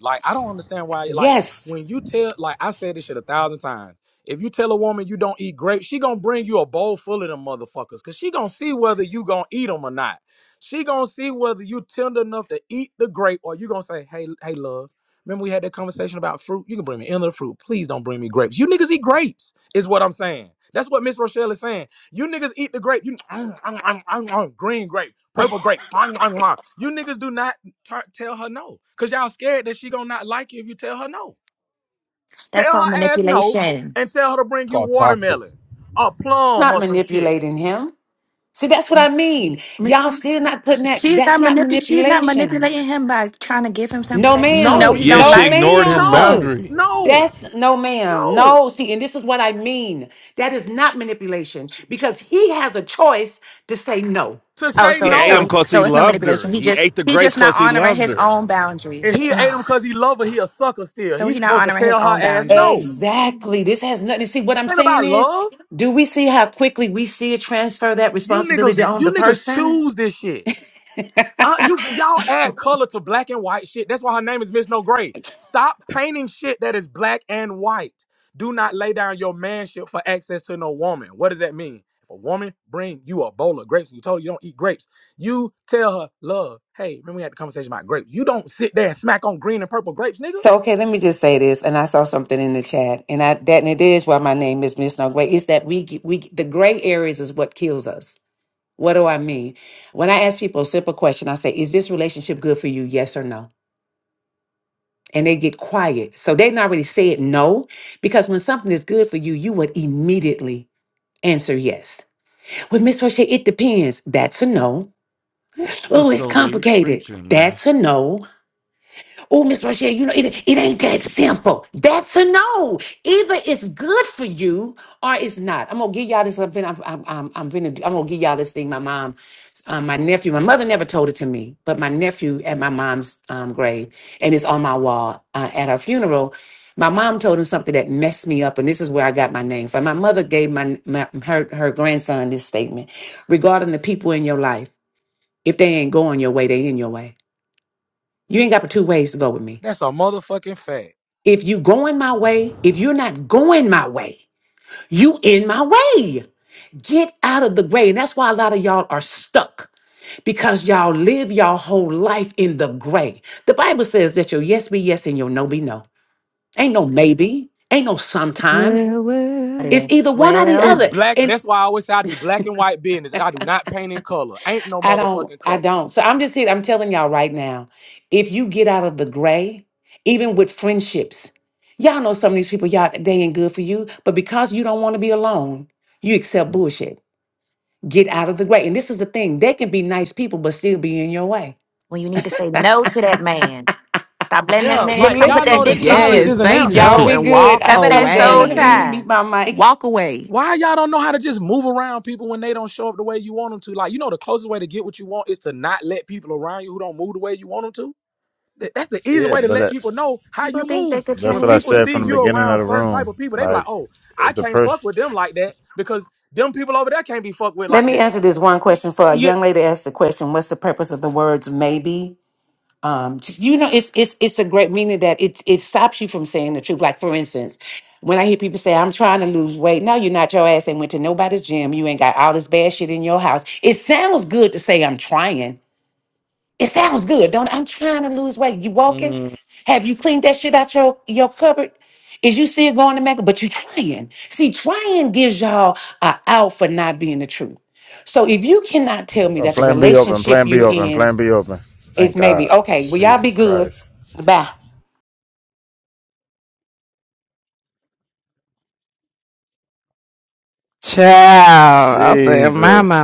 Speaker 12: Like I don't understand why. Like
Speaker 19: Yes,
Speaker 12: when you tell, like I said this shit a thousand times. If you tell a woman you don't eat grapes, she gonna bring you a bowl full of them motherfuckers, cause she gonna see whether you gonna eat them or not. She gonna see whether you tender enough to eat the grape or you gonna say, hey, hey, love. Remember we had that conversation about fruit? You can bring me any of the fruit. Please don't bring me grapes. You niggas eat grapes, is what I'm saying. That's what Miss Rochelle is saying. You niggas eat the grape. You *clicks tongue* green grape, purple grape. *clicks tongue* You niggas do not tar- tell her no. Cause y'all scared that she gonna not like you if you tell her no.
Speaker 13: That's
Speaker 12: Tell
Speaker 13: called
Speaker 12: her ass no
Speaker 13: manipulation.
Speaker 12: and tell her to bring you
Speaker 7: Called toxic.
Speaker 12: watermelon or plum
Speaker 19: not
Speaker 12: or some shit.
Speaker 19: manipulating him. See, that's what I mean.
Speaker 13: Ma-
Speaker 19: Y'all still not putting that.
Speaker 13: She's
Speaker 19: That's
Speaker 13: not
Speaker 19: not
Speaker 13: manip- She's not
Speaker 19: manipulation.
Speaker 13: manipulating him by trying to give him something
Speaker 19: No,
Speaker 13: that she
Speaker 12: No,
Speaker 13: know
Speaker 19: ma'am.
Speaker 13: he
Speaker 7: Yeah,
Speaker 13: don't
Speaker 19: No,
Speaker 7: she
Speaker 13: like.
Speaker 7: ignored his
Speaker 19: ma'am.
Speaker 12: no,
Speaker 7: boundary.
Speaker 12: no,
Speaker 19: That's no, ma'am.
Speaker 12: no.
Speaker 19: No, see, and this is what I mean. That is not manipulation because he has a choice to say no.
Speaker 12: To
Speaker 13: Oh,
Speaker 12: say
Speaker 7: He
Speaker 13: so
Speaker 7: ate him
Speaker 12: no.
Speaker 13: so
Speaker 7: because
Speaker 13: so
Speaker 7: he
Speaker 13: it's no
Speaker 7: loved her.
Speaker 13: manipulation. He
Speaker 7: He
Speaker 13: just
Speaker 7: ate the
Speaker 13: he's
Speaker 7: grapes
Speaker 13: just not
Speaker 7: because he
Speaker 13: honoring
Speaker 7: loved
Speaker 13: his
Speaker 7: her.
Speaker 13: own
Speaker 12: If
Speaker 13: boundaries.
Speaker 12: he ate him because he love her, he a sucker still.
Speaker 13: So
Speaker 12: He's
Speaker 13: he not
Speaker 12: supposed to
Speaker 13: honoring
Speaker 12: tell
Speaker 13: his
Speaker 12: her
Speaker 13: own
Speaker 12: ass no.
Speaker 13: boundaries.
Speaker 12: This
Speaker 19: Exactly. This has nothing to see. What I'm
Speaker 12: ain't
Speaker 19: saying
Speaker 12: about
Speaker 19: is,
Speaker 12: love.
Speaker 19: do we see how quickly we see it transfer that
Speaker 12: You
Speaker 19: responsibility
Speaker 12: niggas,
Speaker 19: on the
Speaker 12: you niggas
Speaker 19: person?
Speaker 12: choose this shit. Uh, you y'all add color to black and white shit. That's why her name is Miss No Gray.
Speaker 19: *laughs*
Speaker 12: Stop painting shit that is black and white. Do not lay down your manship for access to no woman. What does that mean? If a woman bring you a bowl of grapes and you told her you don't eat grapes, you tell her, love, hey, remember we had the conversation about grapes. You don't sit there and smack on green and purple grapes, nigga.
Speaker 19: So okay, let me just say this, and I saw something in the chat, and I that and it is why my name is Miss No Gray. Is that we get- we the gray areas is what kills us. What do I mean? When I ask people a simple question, I say, "Is this relationship good for you? Yes or no?" And they get quiet, so they not really say it no, because when something is good for you, you would immediately answer yes. Well, Miss Roche, it depends. That's a no.
Speaker 5: Woo, Ms.
Speaker 19: Oh, it's
Speaker 5: Noger, you
Speaker 19: complicated.
Speaker 5: preaching, man.
Speaker 19: That's a no. Oh, Miss Rochelle, you know, it, it ain't that simple. That's a no. Either it's good for you or it's not. I'm gonna give y'all this. I've been, I'm, I'm, I'm, I'm, gonna, I'm gonna give y'all this thing. My mom, um, my nephew, my mother never told it to me, but my nephew at my mom's um, grave, and it's on my wall uh, at her funeral. My mom told him something that messed me up, and this is where I got my name from. My mother gave my, my her her grandson this statement regarding the people in your life. If they ain't going your way, they in your way. You ain't got but two ways to go with me.
Speaker 12: That's a motherfucking fact.
Speaker 19: If you going my way, if you're not going my way, you in my way. Get out of the gray. And that's why a lot of y'all are stuck because y'all live y'all whole life in the gray. The Bible says that your yes be yes and your no be no. Ain't no maybe. Ain't no sometimes.
Speaker 16: Well,
Speaker 19: It's
Speaker 16: well.
Speaker 19: either one or the
Speaker 12: It's
Speaker 13: Well,
Speaker 19: other.
Speaker 12: black.
Speaker 19: And.
Speaker 12: That's why I always say I do black and white business. I do not paint in color. Ain't no
Speaker 19: I don't,
Speaker 12: motherfucking
Speaker 19: I
Speaker 12: color.
Speaker 19: don't. So I'm just here, I'm telling y'all right now, if you get out of the gray, even with friendships, y'all know some of these people, y'all, they ain't good for you, but because you don't want to be alone, you accept bullshit. Get out of the gray. And this is the thing, they can be nice people, but still be in your way.
Speaker 13: when you need to say no to that man, stop letting that
Speaker 12: Yeah,
Speaker 19: But
Speaker 13: man
Speaker 12: like
Speaker 13: come put
Speaker 12: y'all
Speaker 13: that
Speaker 19: listen,
Speaker 12: know that
Speaker 13: dick in
Speaker 19: *laughs*
Speaker 12: silence
Speaker 16: Yes,
Speaker 12: is an
Speaker 13: you.
Speaker 16: say
Speaker 12: answer.
Speaker 19: y'all
Speaker 16: no
Speaker 19: be
Speaker 16: and
Speaker 19: good.
Speaker 16: walk
Speaker 13: Sever
Speaker 19: *laughs*
Speaker 13: that
Speaker 19: I'm done. I
Speaker 13: soul
Speaker 19: didn't
Speaker 16: away.
Speaker 19: even
Speaker 13: tie.
Speaker 19: meet my mic.
Speaker 16: Walk away.
Speaker 12: Why y'all don't know how to just move around people when they don't show up the way you want them to? Like you know, the closest way to get what you want is to not let people around you who don't move the way you want them to. Th- That's the easy
Speaker 17: Yeah,
Speaker 12: way to
Speaker 17: but
Speaker 12: let
Speaker 17: that,
Speaker 12: people know how
Speaker 13: People
Speaker 12: you
Speaker 13: think they
Speaker 12: move.
Speaker 13: could
Speaker 17: that's
Speaker 12: When
Speaker 17: what I
Speaker 13: change
Speaker 12: people
Speaker 17: said
Speaker 12: see
Speaker 17: from the
Speaker 12: you
Speaker 13: people.
Speaker 17: beginning of
Speaker 12: around
Speaker 17: the
Speaker 12: certain type
Speaker 17: room.
Speaker 12: of people, they be like,
Speaker 17: Like
Speaker 12: "Oh, I
Speaker 17: if the
Speaker 12: can't
Speaker 17: person,
Speaker 12: fuck with them like that because them people over there can't be fucked with
Speaker 19: Let
Speaker 12: like
Speaker 19: me
Speaker 12: that."
Speaker 19: answer this one question for a
Speaker 20: Yeah.
Speaker 19: young lady asked the question, what's the purpose of the words maybe? um just, you know it's it's it's a great meaning that it it stops you from saying the truth like for instance when i hear people say i'm trying to lose weight no you're not your ass ain't went to nobody's gym you ain't got all this bad shit in your house it sounds good to say i'm trying it sounds good don't it? i'm trying to lose weight you walking have you cleaned that shit out your your cupboard is you still going to make it? but you trying see trying gives y'all a out for not being the truth so if you cannot tell me
Speaker 17: oh,
Speaker 19: that the
Speaker 17: Plan B open,
Speaker 19: relationship
Speaker 17: Plan B
Speaker 19: you're
Speaker 17: open,
Speaker 19: in
Speaker 17: Plan B open.
Speaker 19: it's
Speaker 17: Thank
Speaker 19: maybe.
Speaker 17: God.
Speaker 19: Okay. Well, y'all be
Speaker 17: Jesus
Speaker 19: good.
Speaker 17: Christ.
Speaker 19: Bye.
Speaker 2: Child. I said, my,
Speaker 17: Jesus
Speaker 2: my,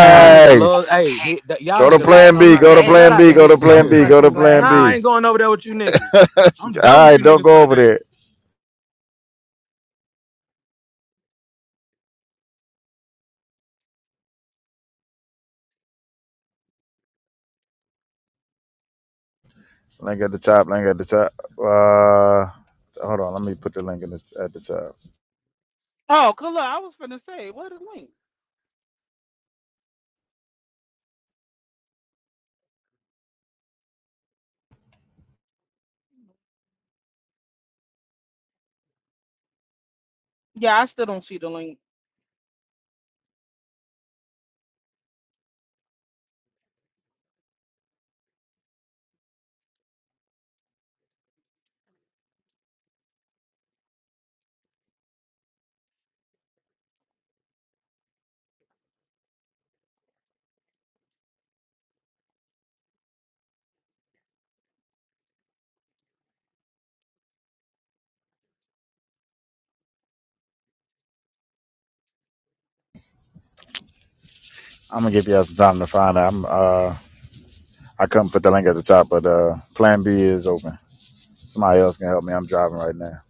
Speaker 12: Y'all nigga love, hey, hit that, y'all
Speaker 17: Go to
Speaker 12: nigga love
Speaker 17: Plan
Speaker 15: glad
Speaker 12: talking
Speaker 15: you
Speaker 17: B.
Speaker 12: about
Speaker 17: Go to
Speaker 12: me.
Speaker 15: said
Speaker 12: Shout
Speaker 17: Plan
Speaker 12: out
Speaker 15: it.
Speaker 17: B.
Speaker 12: to
Speaker 17: Go
Speaker 15: I'm
Speaker 17: to
Speaker 12: me.
Speaker 15: so
Speaker 17: Plan B. Go to
Speaker 15: fucking
Speaker 17: Plan
Speaker 15: glad
Speaker 12: Nah,
Speaker 15: you
Speaker 12: I
Speaker 17: B.
Speaker 12: ain't going over there with you niggas. I'm
Speaker 17: *laughs*
Speaker 12: done
Speaker 17: All
Speaker 12: with
Speaker 17: right,
Speaker 12: you
Speaker 17: don't
Speaker 12: niggas for
Speaker 17: go
Speaker 12: the
Speaker 17: over
Speaker 12: day.
Speaker 17: there. Link at the top. Link at the top. Uh, hold on. Let me put the link in this at the top.
Speaker 20: Oh, good luck. I was gonna say, where the link? Yeah, I still don't see the link.
Speaker 17: I'm gonna give y'all some time to find out. I'm uh, I couldn't put the link at the top, but uh, Plan B is open. Somebody else can help me. I'm driving right now.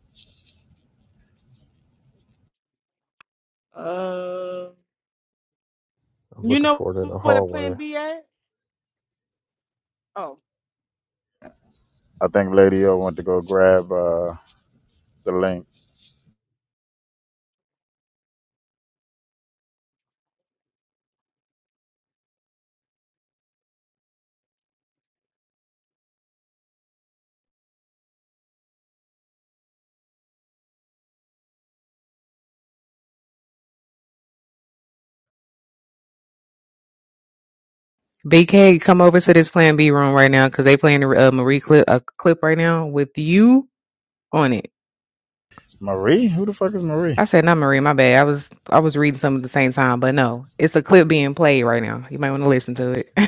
Speaker 20: Uh,
Speaker 7: I'm
Speaker 20: you
Speaker 7: looking
Speaker 20: know
Speaker 7: for it in the
Speaker 20: where the
Speaker 7: hallway.
Speaker 20: plan B at? Oh.
Speaker 17: I think Lady O went to go grab uh the link.
Speaker 2: BK, come over to this Plan B room right now because they playing a uh, Marie clip, a clip right now with you on it.
Speaker 17: Marie, who the fuck is Marie?
Speaker 2: I said not Marie, my bad. I was I was reading some at the same time, but no, it's a clip being played right now. You might want to listen to it. *laughs*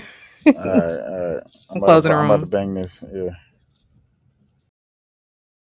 Speaker 17: All right, all right.
Speaker 2: I'm
Speaker 17: I'm about
Speaker 2: closing
Speaker 17: to
Speaker 2: the
Speaker 17: I'm about
Speaker 2: room.
Speaker 17: to bang this. Yeah.